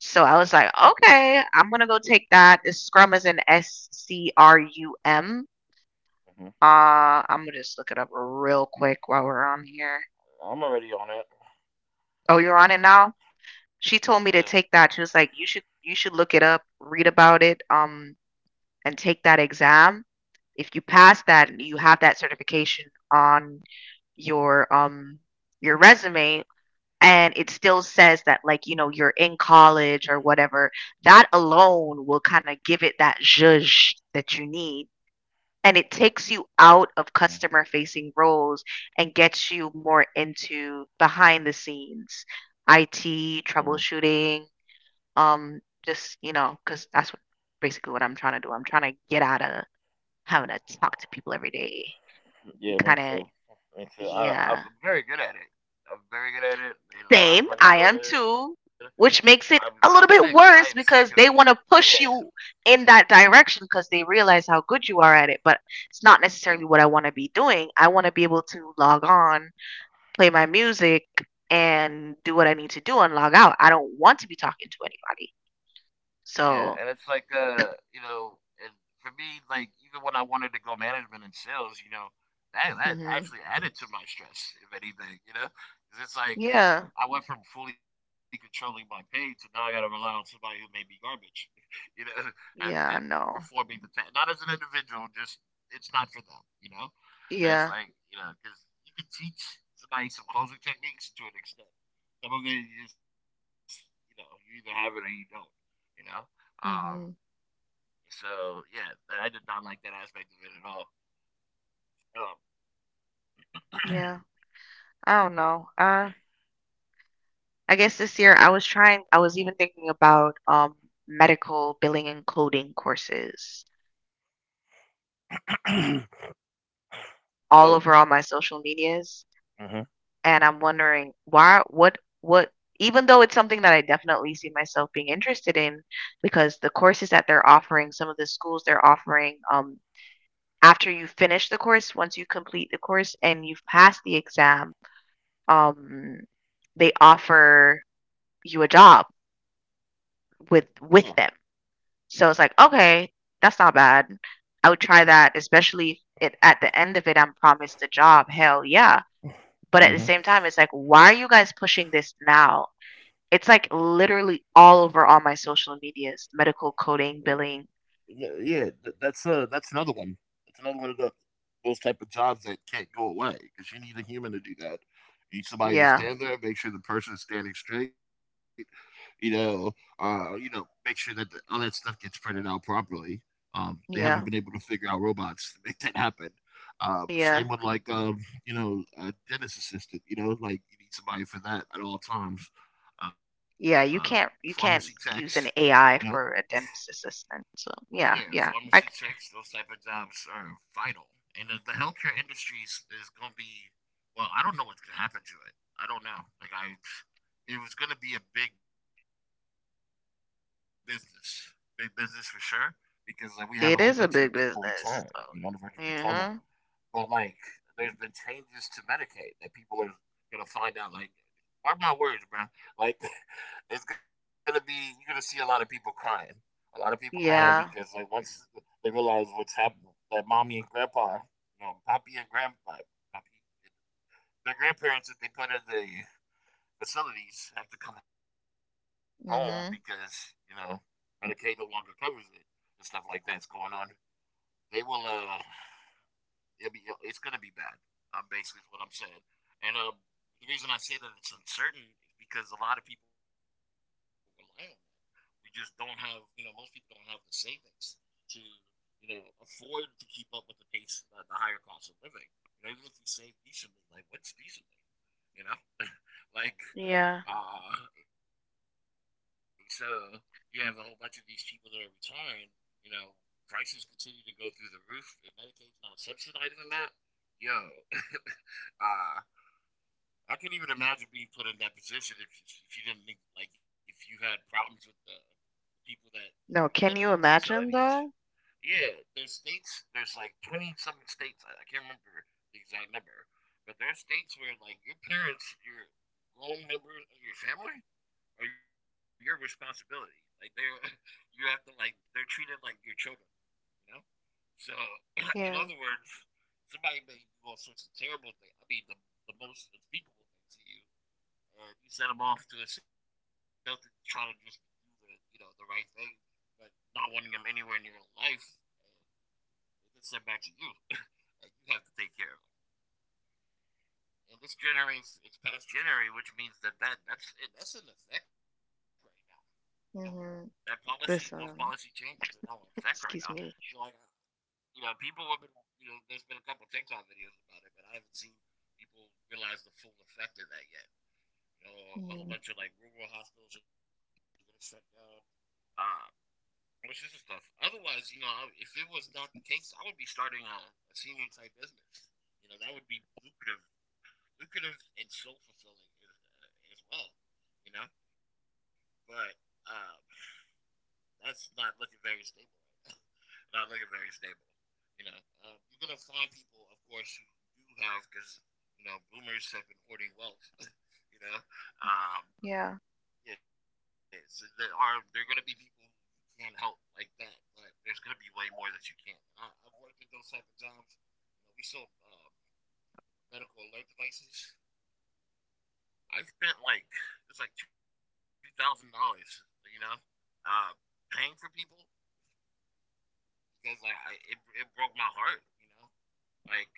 So I mhm, was like, okay, I'm gonna go take that. It's Scrum is an S C R U M. mhm. Uh, I'm gonna just look it up real quick while we're on here. I'm already on it. Oh, you're on it now? Yeah. She told me to take that. She was like, you should you should look it up, read about it, um, and take that exam. If you pass that, you have that certification on your um your resume and it still says that like you know you're in college or whatever, that alone will kind of give it that zhuzh that you need and it takes you out of customer facing roles and gets you more into behind the scenes Mhm. I T troubleshooting, um just you know cuz that's what basically what I'm trying to do. I'm trying to get out of having to talk to people every day and Yeah, me kind of too. Me too. I, I'm yeah. very good at it. I'm very good at it. Made a lot of Same, money I doing am it. too, I'm, which but I'm makes it sick. a I little am bit sick of it. worse because they want to Yeah. push you in that direction because they realize how good you are at it. But it's not Mm. necessarily what I want to be doing. I want to be able to log on, play my music, and do what I need to do and log out. I don't want to be talking to anybody. Yeah. And it's So, like, uh, you know, and for me, like, even when I wanted to go management and sales, you know, that, that mhm, actually added to my stress, if anything, you know? 'Cause it's like, yeah, I went from fully controlling my pay to now I got to rely on somebody who may be garbage, you know, and, and yeah, no, performing the task. Not as an individual, just it's not for them, you know? And it's yeah, like, you know, because you can teach somebody some closing techniques to an extent. Some of it you just, you know, you either have it or you don't, you know? Um, hmm, so, yeah, I did not like that aspect of it yeah. I don't know. I guess this year I was trying, I was even thinking about um, medical billing and coding courses at all. Um, all over Oh. all my social medias. Uh-huh. And I'm wondering why, what, what, even though it's something that I definitely see myself being interested in, because the courses that they're offering, some of the schools they're offering, um, after you finish the course, once you complete the course and you've passed the exam, um, they offer you a job Yeah. with with them. So it's like, okay, that's not bad. I would try that, especially if it at the end of it I'm promised a job. Hell yeah. But at the same Mm-hmm. time, it's like, why are you guys pushing this now? It's like literally all over all my social medias, medical coding, billing. Yeah, yeah, th- that's uh, that's another one. That's another one of the those type of jobs that can't go away because you need a human to do that. You need somebody to Yeah, stand there, make sure the person is standing straight. You know, uh, you know, Make sure that the, all that stuff gets printed out properly. Um, they haven't been yeah, able to figure out robots to make that happen. Um, same yeah, with like um, you know, a dentist assistant. You know, like you need somebody for that at all times. Uh, yeah. You Pharmacy can't you techs. can't use You an know, A I for a dentist assistant. So yeah, yeah, yeah. pharmacy I c checks, those type of jobs are vital. And the, the healthcare industry is, is going to be, well, I don't know what's going to happen to it. I don't know. Like, I, it was going to be a big business, big business for sure, because like we have a whole bunch of people retiring, you know, It on the is a verge of big retirement. business. So, But like, hmm. there's been changes to Medicaid that people are going to find out. Like, mark my words, bro. Like it's gonna be you're gonna see a lot of people crying, a lot of people crying because like Yeah. once they realize what's happened, that mommy and grandpa, you know, pappy and grandpa, pappy, their grandparents that they put in the facilities have to come home because you know Hmm. Medicaid no longer covers it and stuff like that's going on. They will uh, it'll be it's gonna be bad. Um, basically is what I'm saying, and um, the reason I say that it's uncertain is because a lot of people rely on it, we just don't have, you know most people don't have the savings to, you know afford to keep up with the pace, uh, the higher cost of living. You know even if you save decently, like what's decently, you know like Yeah. uh so you have a whole bunch of these people that are retiring, you know prices continue to go through the roof if Medicaid's not subsidizing that. Yo, uh I couldn't even imagine being put in that position if, if you didn't think, like if you had problems with the people that you put No, in those can you facilities. imagine though? Yeah, there's states. There's like twenty some states. I, I can't remember the exact number, but there's states where like your parents, your grown members of your family, are your responsibility. Like they're you have to like they're treated like your children. You know. So in other Yeah. words, somebody may do all sorts of terrible things. I mean, the the most unspeakable things to you, and you send them off to a shelter to try to just do the you know the right thing, but not wanting them anywhere near life, and it gets sent back to you. And you have to take care of them. And this January, it's past January, which means that, that that's that's in effect right now. You know, that Mhm. policy, those This policy um, changes are now in effect right now. excuse So me. like, you know, people have been, you know, there's been a couple of TikTok videos about it, but I haven't seen people realize the full effect of that yet. You know, a Mm, whole bunch of like rural hospitals are going to shut down. Uh, which is stuff. Otherwise, you know, if it was not the case, I would be starting a, a senior type business. You know, that would be lucrative, lucrative and soul fulfilling as, uh, as well. You know, but um, that's not looking very stable right now. Not looking very stable. You know, um, you're gonna find people, of course, who do have because you know boomers have been hoarding wealth. you know, um, yeah. yeah, so there are there are gonna be people who can't help like that, but there's gonna be way more that you can't. And I, I've worked at those type of jobs. You know, we sold uh, medical alert devices. I spent like it was like two thousand dollars, you know, uh, paying for people because like I, it it broke my heart, you know, like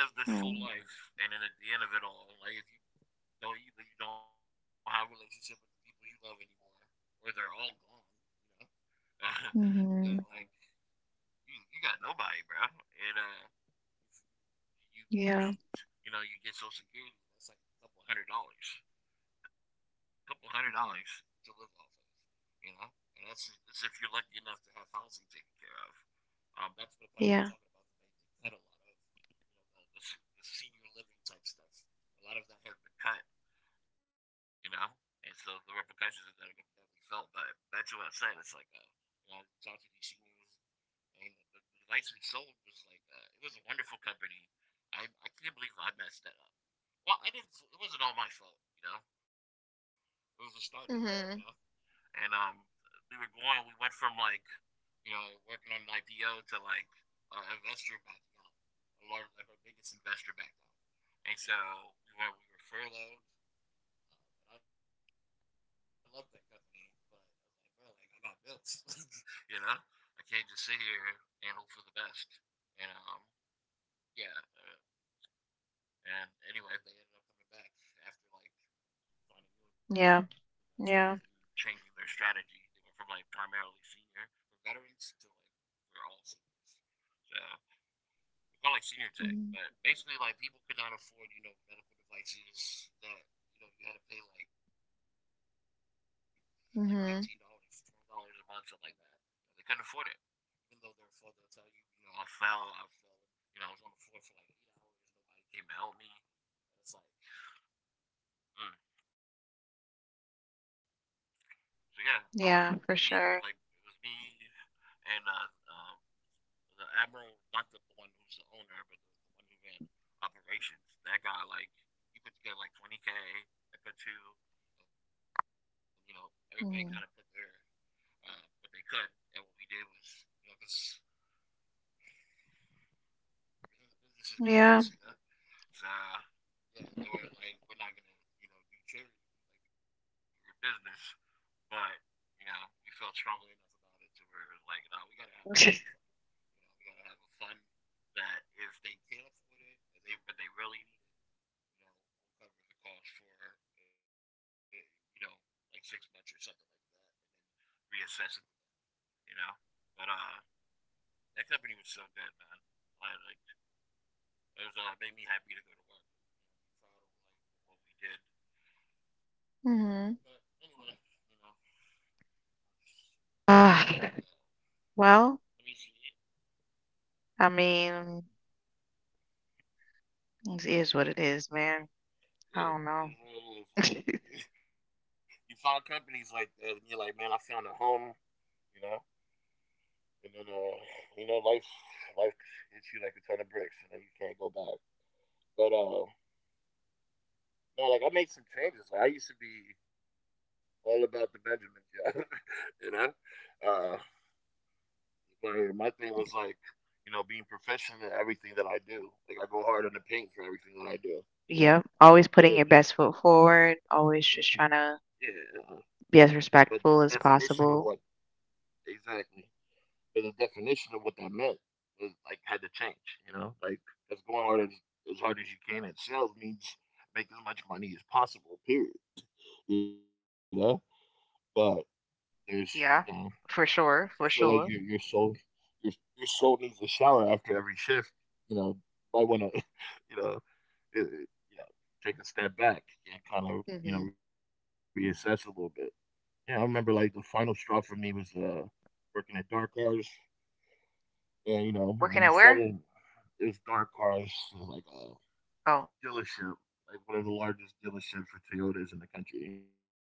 you live this Mm, full life, and then at the end of it all, like if you don't, either you don't have a relationship with the people you love anymore, or they're all gone, you know, yeah, mhm. like you, you got nobody, bro. And uh, you Yeah. you need, you know you get Social Security. That's like a couple hundred dollars, a couple hundred dollars to live off of. You know, and that's that's if you're lucky enough to have housing taken care of. Um, that's what part I was Yeah. talking about. That they, they cut a lot of you know the, the, senior living type stuff. A lot of that has been cut. You know, and so the repercussions of that are going to be heavily felt. But that's what I'm saying. It's like uh, you know, talk to these seniors, and the, the license sold was like uh, it was a wonderful company. I I can't believe I messed that up. Well, I didn't. It wasn't all my fault, you know. It was a startup, you know. Mhm. And um, we were going. We went from like you know working on an I P O to like an uh, investor backing out. A large, like our biggest investor backed out. And so we were we were furloughed. Uh, I loved that company, but I was like, bro, like I got bills, you know. I can't just sit here and hope for the best. And um, yeah. Uh, and anyway, they ended up coming back after like finding new Yeah. investors and Yeah. changing their strategy. They went from like primarily senior for veterans to like for all seniors. Uh, we call it like senior tech, Mm. but basically like people could not afford you know medical devices that you know you had to pay like like fifteen dollars, twenty dollars a month, Mhm. something like that. You know, they couldn't afford it, even though they're full. They'll tell you, you know, I fell, I fell, you know, I was on the floor for like eight hours, nobody came to help me. It's like, mm, so yeah, um, me we like it was Yeah, me for sure. and uh, um, the admiral, not the, the one who's the owner, but the, the one who ran operations. That guy like he put together like twenty k. I put two, and you know everybody kind of put their Mhm. uh, what they could, and what we did was you know because business is business, Yeah. you know. So yeah, they were like, we're not gonna you know do charity, like we're business. But you know, we felt strongly enough about it to where we're like, no, we gotta have like a little fun. You know, we gotta have a fun that if they can't afford it, if they but they really need it, you know, we'll cover the cost for eh, you know like six months or something like that. Reassess it, you know. But uh, that company was so good, man. I, like, it was uh, made me happy to go to work. I'm proud of like what we did. But Mhm. anyway, you know, stuff. Ah, Uh, well, Let me see. I mean, it is what it is, man. I Yeah, it is don't know. what it is. Like you, you find companies like that, and you're like, man, I found a home, you know. And then, uh, you know, life, life hits you like a ton of bricks, and then you can't go back. But uh, no, like I made some changes. Like I used to be all about the Benjamin job, you know. Uh, but my thing was like, you know, being professional in everything that I do. Like I go hard on the paint for everything that I do, you know. Yep. Always But putting your the, the best foot forward, always just trying yeah, uh, to but the be as definition respectful of as what possible. exactly. But the definition of what that meant was, like, had to change, you know? Like it's going hard as, as hard as you can at sales means make as much money as possible, period. You know? But there's you know, Yeah, for if you feel sure, like for your your sure. soul, your your soul needs a shower after every shift, you know, you might wanna you know, it, it- you know, take a step back and kind of, you know, Mhm. reassess a little bit. Yeah, I remember like the final straw for me was uh working at Dark Cars. And you know, when you Working at sell them, where? it was Dark Cars, like a Oh, dealership, like one of the largest dealerships for Toyotas in the country.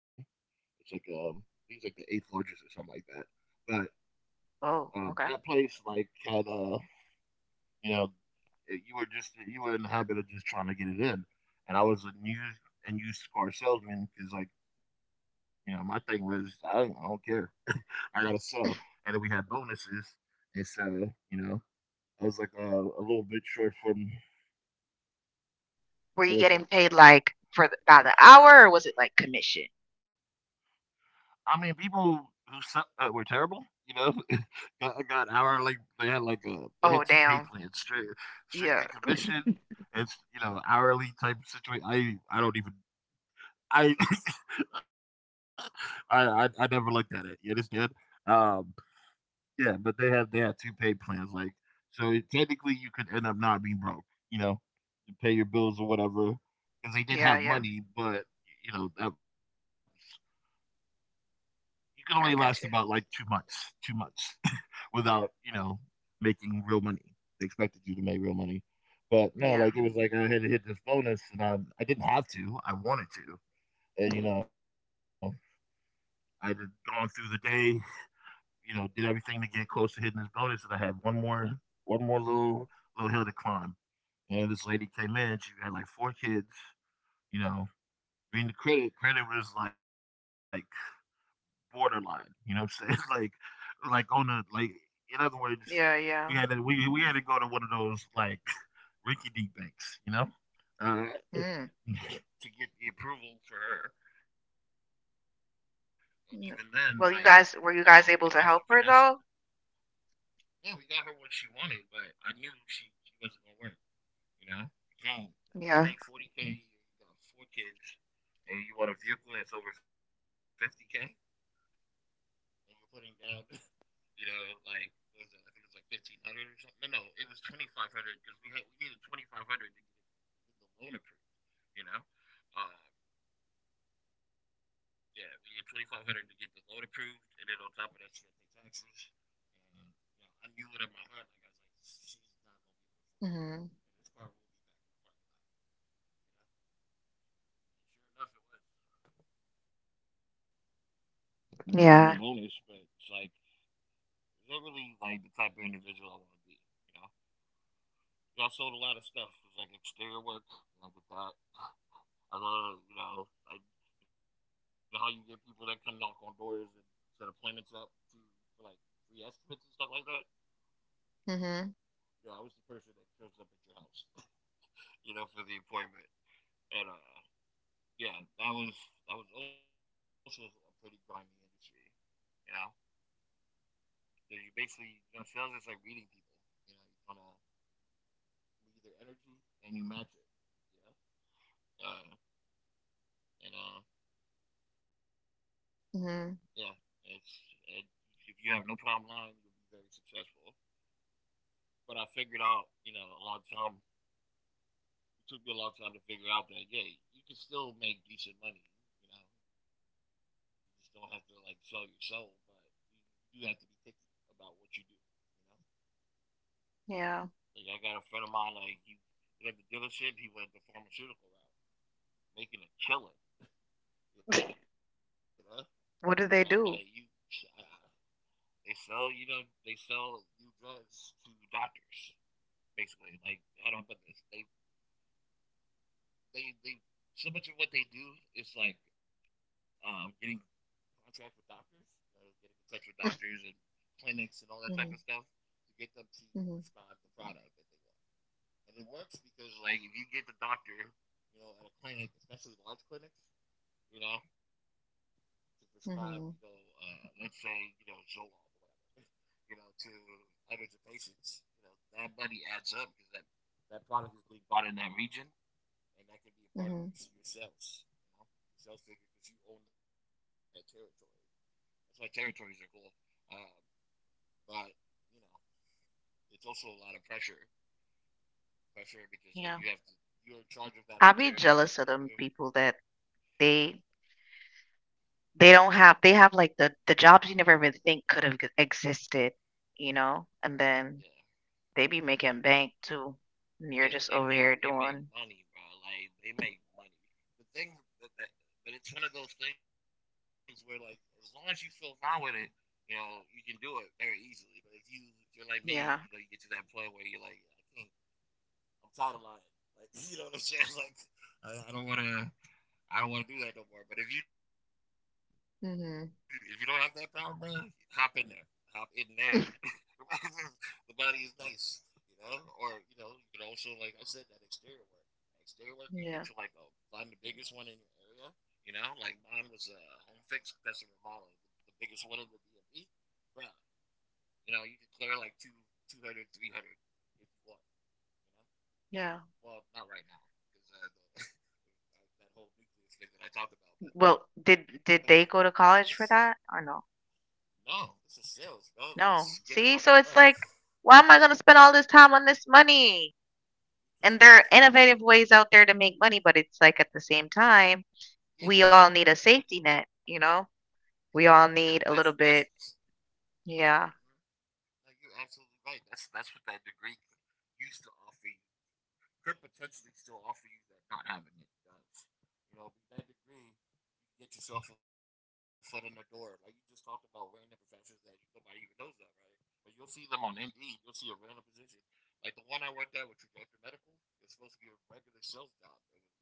It's like um, I think it's like the eighth largest or something like that. But uh, oh, that okay. place like had uh, you know, you were just you were in the habit of just trying to get it in, and I was a new and used car salesman because like you know my thing was I don't, I don't care. I gotta sell, and then we had bonuses, and so you know I was like uh, a little bit short from Were I you was getting paid like for the, by the hour or was it like commission? I mean, people who su- uh, were terrible, you know, got, got hourly. They had like a they had two Oh, pay plans, damn. stri- strictly Yeah, commission and you know hourly type situation. I I don't even I I I, I never looked at it. You understand? Um, yeah, but they had they had two pay plans, like, so technically you could end up not being broke. You know, you pay your bills or whatever because they did have yeah, yeah. money, but you know that you can only last about I like got you. two months, two months without, you know, making real money. They expected you to make real money. But no, Yeah, like it was like I had to hit this bonus and I, I didn't have to. I wanted to. And, you know, I had gone through the day, you know, did everything to get close to hitting this bonus, and I had one more, one more little, little hill to climb. And this lady came in, she had like four kids, you know, reading the credit. Credit was like borderline. You know what I'm saying? Like, like on the like. In other words, we yeah, had to yeah. we we had to go to one of those like Ricky D banks, you know, uh, Mm. to get the approval for her. And even then, like, you know, Mm. it took some Well, you finessing. guys, were you guys able to help her though? Yeah, we got her what she wanted, but I knew she, she wasn't gonna work. You know, okay, you make Yeah. forty k, you got four kids, and you want a vehicle that's over fifty k, and you're putting down you know, like, what was it? I think it was like fifteen hundred or something. No, no, it was twenty five hundred because we had we needed twenty five hundred to get the loan approved. You know, uh, yeah, we needed twenty five hundred to get the loan approved, and then on top of that, she had to pay taxes. And you know, I knew it in my heart. Like I was like, she's not gonna be able to afford this. Hmm. And this car will be back in the parking lot. You know, and sure enough, it was. I mean, I got my bonus, but Yeah. it's like, is that really like the type of individual I want to be? You know, yeah, I sold a lot of stuff. It was like exterior work. And I did that. I love, you know, like you know how you get people that come knock on doors and set appointments up to for like free estimates and stuff like that. Hmm. Yeah, I was the person that shows up at your house, you know, for the appointment. And uh, yeah, that was that was also a pretty grimy industry. You know, So you basically you know sales is like reading people. You know, you kind of read their energy and you match it. Yeah. uh, and uh, yeah, it's Hmm. it, if you have no problem lying, you'll be very successful. But I figured out, you know, a long time. It took me a long time to figure out that yeah, you can still make decent money. You know, you just don't have to like sell your soul, but you, you do have to be picky about what you do. Yeah. You know, like I got a friend of mine, like he he had the dealership. He went the pharmaceutical route, making a killing. You know, but I'm like you, What do they I, do? they sell, you know, they sell new drugs to doctors. Basically. Like how do I put this? They they they so much of what they do is like um, getting contracts with doctors, you know, getting in touch with doctors and clinics and all that type of stuff Hmm. to get them to Hmm. prescribe the product that they want. And it works because like if you get the doctor, you know, at a clinic, especially large clinics, you know, to prescribe, you know, uh, Hmm. let's say, you know, Zoloft or whatever, you know, to hundreds of patients, you know, that money adds up because that that product is being bought in that region, and that can be a part of your Hmm. your sales. You know, your sales figure because you own that territory. That's why territories are cool. Um, but you know, it's also a lot of pressure. Pressure because like you have Yeah. to, you're in charge of that whole I be territory, and jealous of you, them people that they They don't have they have like the the jobs you never even think could have existed, you know? And yeah, then they be making bank too. And yeah. you're just They over made here they made doing money, bro. Like they make money. The thing, that, that, but it's one of those things where like as long as you feel fine with it, you know, you can do it very easily. But if you if you're like me, you know, you get to yeah. that point where you're like, I can't. I'm tired of lying. Like you know what I'm saying? Like I, I don't want to. I don't want to do that no more. But if you if you don't have that problem, bro, hop in hmm there. Hop in there. The body is nice, you know. Or you know, you can also like I said that exterior work. That exterior work, you get to like um, find the Yeah. biggest one in your area. You know, like mine was a uh, home fix customer model, the, the biggest one in the D M V. Bro, you know, you could clear like two, two hundred, three hundred if you want. You know, Yeah. well, not right now, because uh, that whole nucleus thing that I talked about. But that Well, was that did did they was go to college for that or no? no. This is sales, bro. Like it's get it No. out the See? mud. So it's like, why am I going to spend all this time on this money? And there are Because innovative ways out there to make money, but it's like at the same time, yeah, we all need a safety net, you know? yeah, yeah. We That's all that's. need a Mhm. little bit. Yeah. Like you're absolutely right. That's that's what that degree used to offer you. Could potentially still offer you that not having it does. You know, that degree get yourself a foot in the door. Like you just talked about random professions that nobody even knows of, right? But you'll see them on Indeed. You'll see a random position. Like the one I worked at with Trajectory Medical, it's supposed to be a regular sales job. It was not.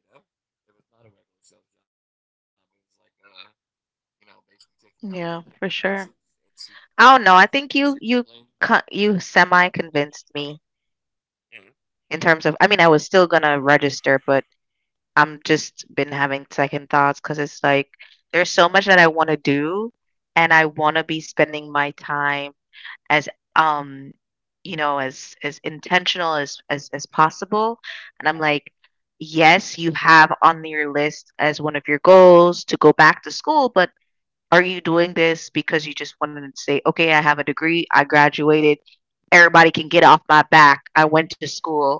You know? It was not a regular sales job. It was like, uh, you know, basically taking down medical Yeah, conditions for and sure. see, you know, I don't know. I information think you related. you co- you semi convinced me Mhm. in terms of. I mean, I was still gonna register, but I'm just been having second thoughts because it's like there's so much that I want to do, and I want to be spending my time as um you know as as intentional as as as possible, and I'm Uh like. Yes, you have on your list as one of your goals to go back to school, but Are you doing this because you just wanted to say, okay, I have a degree, I graduated, everybody can get off my back, I went to school?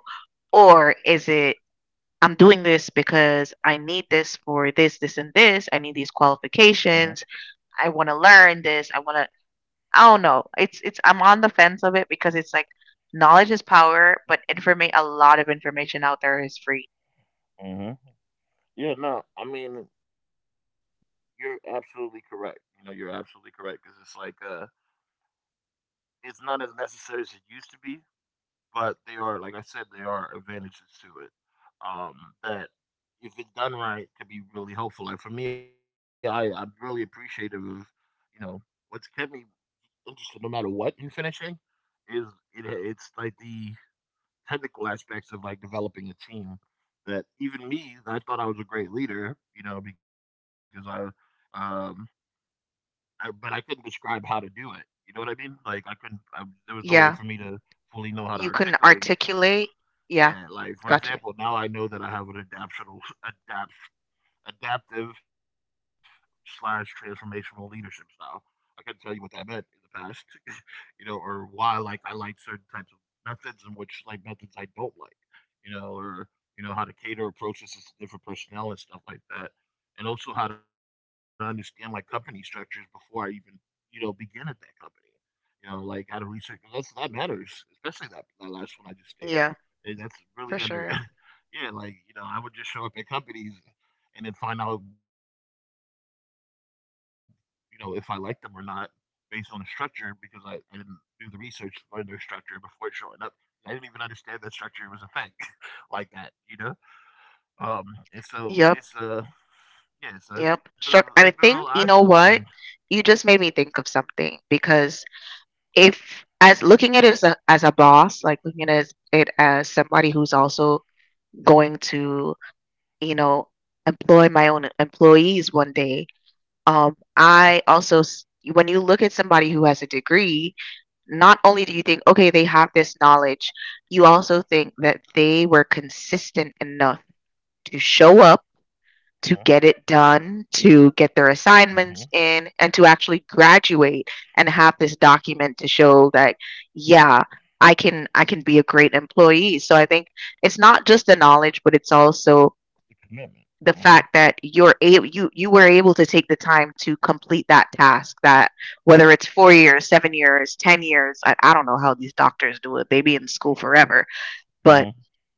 Or is it, I'm doing this because I need this for this, this, and this. I need these huh. qualifications. I want to learn this. I want to, I don't know. It's, it's, I'm on the fence of it because it's like knowledge is power, but informa- a lot of information out there is free. Yeah. No. I mean, you're absolutely correct. You know, you're absolutely correct because it's like uh, it's not as necessary as it used to be, but they are, like I said, there are advantages to it. Um, that if it's done right, could be really helpful. Like for me, I I'm really appreciative of, you know, what's kept me interested no matter what in finishing is it, it's like the technical aspects of like developing a team that even me, I thought I was a great leader, you know, because I um I, but I couldn't describe how to do it. You know what I mean? Like I couldn't. I, there was no way for me Yeah, to fully know how to you can articulate. articulate. Yeah, Yeah, like for got you. example, now I know that I have an adaptional adaptional adaptive slash transformational leadership style. I can tell you what that meant in the past, you know, or why like I like certain types of methods and which like methods I don't like, you know, or you know how to cater approaches to different personnel and stuff like that, and also how to understand like company structures before I even, you know, begin at that company. You know, like how to research 'cause that's that matters, especially that that last one I just stated. Yeah, And that's really for under, sure. yeah, like you know I would just show up at companies and then find out, you know, if I like them or not based on the structure because I, I didn't do the research on their structure before showing up. I didn't even understand that structure was a thing like that, you know. Um, and so it's a Yep. uh, yeah, so it's been a, Yep. it's been a real Struck. eye I think you opening. know what? You just made me think of something because if as looking at it as a as a boss, like looking at it as somebody who's also going to, you know, employ my own employees one day, Uh huh. um, I also s- when you look at somebody who has a degree, not only do you think, okay, they have this knowledge, you also think that they were consistent enough to show up to get Uh it done, to get huh. their Hmm. assignments in, and to actually graduate and have this document to show that, yeah, I can I can be a great employee. So I think it's not just the knowledge, but it's also the Commitment. fact Uh huh. that you're able you you were able to take the time to complete that task that whether it's four years seven years ten years i, I don't know how these doctors do it, they be in school forever, but Uh huh.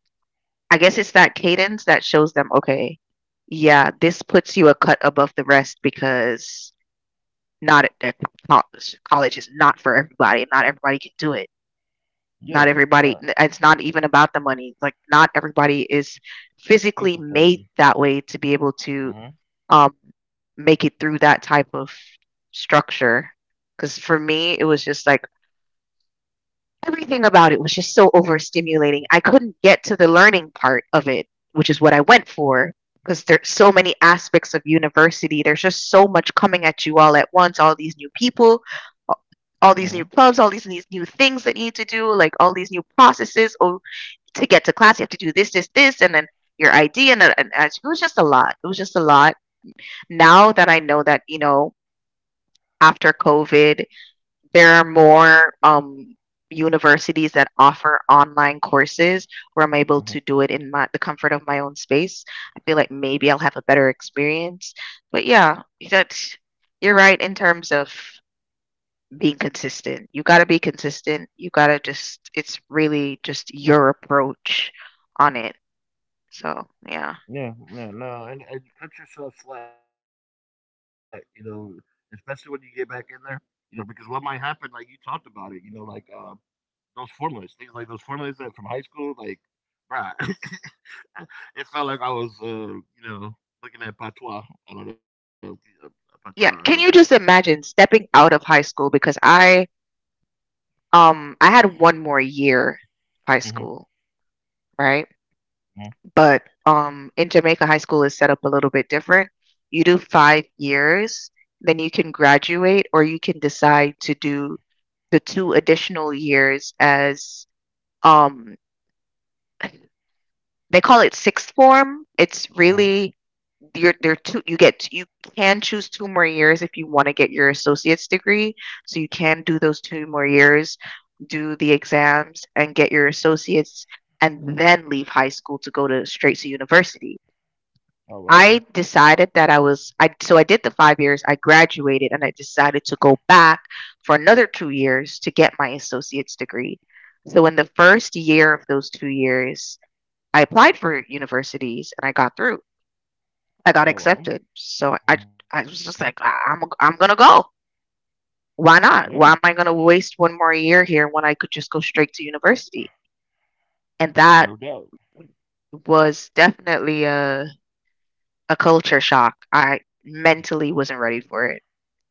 I guess it's that cadence that shows them, okay, yeah, this puts you a cut above the rest because not at college. College is not for everybody. Not everybody can do it. Not Yeah. everybody. Yeah. It's not even about the money. Like not everybody is physically made Discipline. that way to be able to Uh huh. um make it through that type of structure. Because for me, it was just like everything about it was just so overstimulating. I couldn't get to the learning part of it, which is what I went for, because there's so many aspects of university. There's just so much coming at you all at once, all these new people, a- all Uh these huh. new clubs, all these, these new things that you need to do, like all these new processes. Oh, to get to class, you have to do this, this, this, and then your I D. And, then- and, and it was just a lot. It was just a lot. Now that I know that, you know, after COVID, there are more um, universities that offer online courses where I'm able to Uh do huh. it in my, the comfort of my own space. I feel like maybe I'll have a better experience. But yeah, that you're right in terms of being consistent. You got to be consistent. You got to just it's really just your approach on it. So, yeah. Yeah, yeah, no, and, and you cut yourself slack, you know, especially when you get back in there, you know, because what might happen, like you talked about it, you know, like um, those formulas, things like those formulas that from high school, like, bruh, it felt like I was, uh, you know, looking at patois. I don't know, uh, patois. Uh, Yeah, What's can another you word just for imagine stepping out of high school, because I um I had one more year of high that? school, Mm-hmm. right? Mm-hmm. But um, in Jamaica, high school is set up a little bit different. You do five years, then you can graduate, or you can decide to do the two additional years as um, they call it sixth form. It's really Hmm. you're there two you get you can choose two more years if you want to get your associate's degree. So you can do those two more years, do the exams and get your associate's and then leave high school to go to straight to university. I Oh wow. decided that I was I so I did the five years, I graduated and I decided to go back for another two years to get my associate's degree. So in the first year of those two years, I applied for universities and I got through. I got accepted. Oh wow. So I I Mm-hmm. was just like "I- I'm I'm going to go. Why not? Why am Yeah, I going to waste one more year here when I could just go straight to university?" And that no doubt. was definitely a a culture shock. I mentally wasn't ready for it.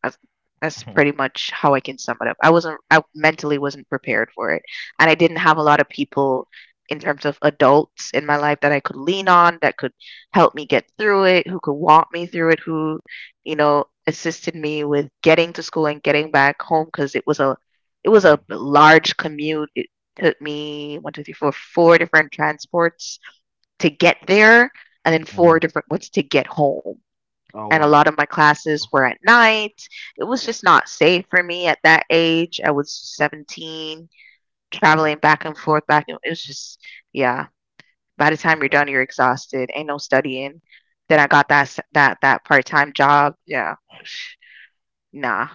That's that's Mm-hmm. pretty much how I can sum it up. I wasn't I mentally wasn't prepared for it. And I didn't have a lot of people in terms of adults in my life that I could lean on, that could help me get through it, who could walk me through it, who, you know, assisted me with getting to school and getting back home, because it was a it was a large commute. It took me one, two, three, four, four different transports to get there and then four different ones to get home, and a lot of my Oh wow. classes were at night. It was just not safe for me at that age. I was seventeen, traveling back and Yeah. forth. back. and- It was just, yeah. By the time you're done, you're Okay. exhausted. Ain't no studying. Then I got that s- that that part time job. Yeah, nah.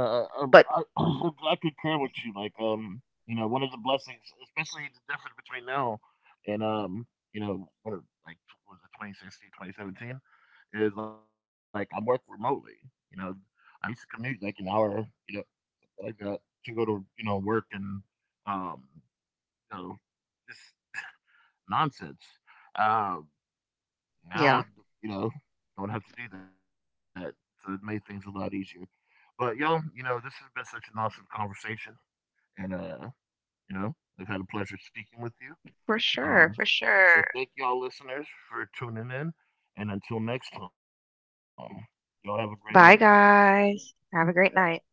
No, I, But um, I, I'm care with you. Like, um, you know, one of the blessings, especially the difference between now and, um, you know, what are- like what was it twenty sixteen, twenty seventeen, is like I work remotely. You know, I used to commute like an hour, you know, like that to go to, you know, work and, um, you know, just nonsense. Um, Now, yeah, you know, don't have to do that. So it made things a lot easier. But y'all, you know, this has been such an awesome conversation. And, uh, you know, I've had a pleasure speaking with you. for Um, sure, for so sure. thank y'all listeners for tuning in. And until next time, y'all have a great night. Bye, guys. Have a great night.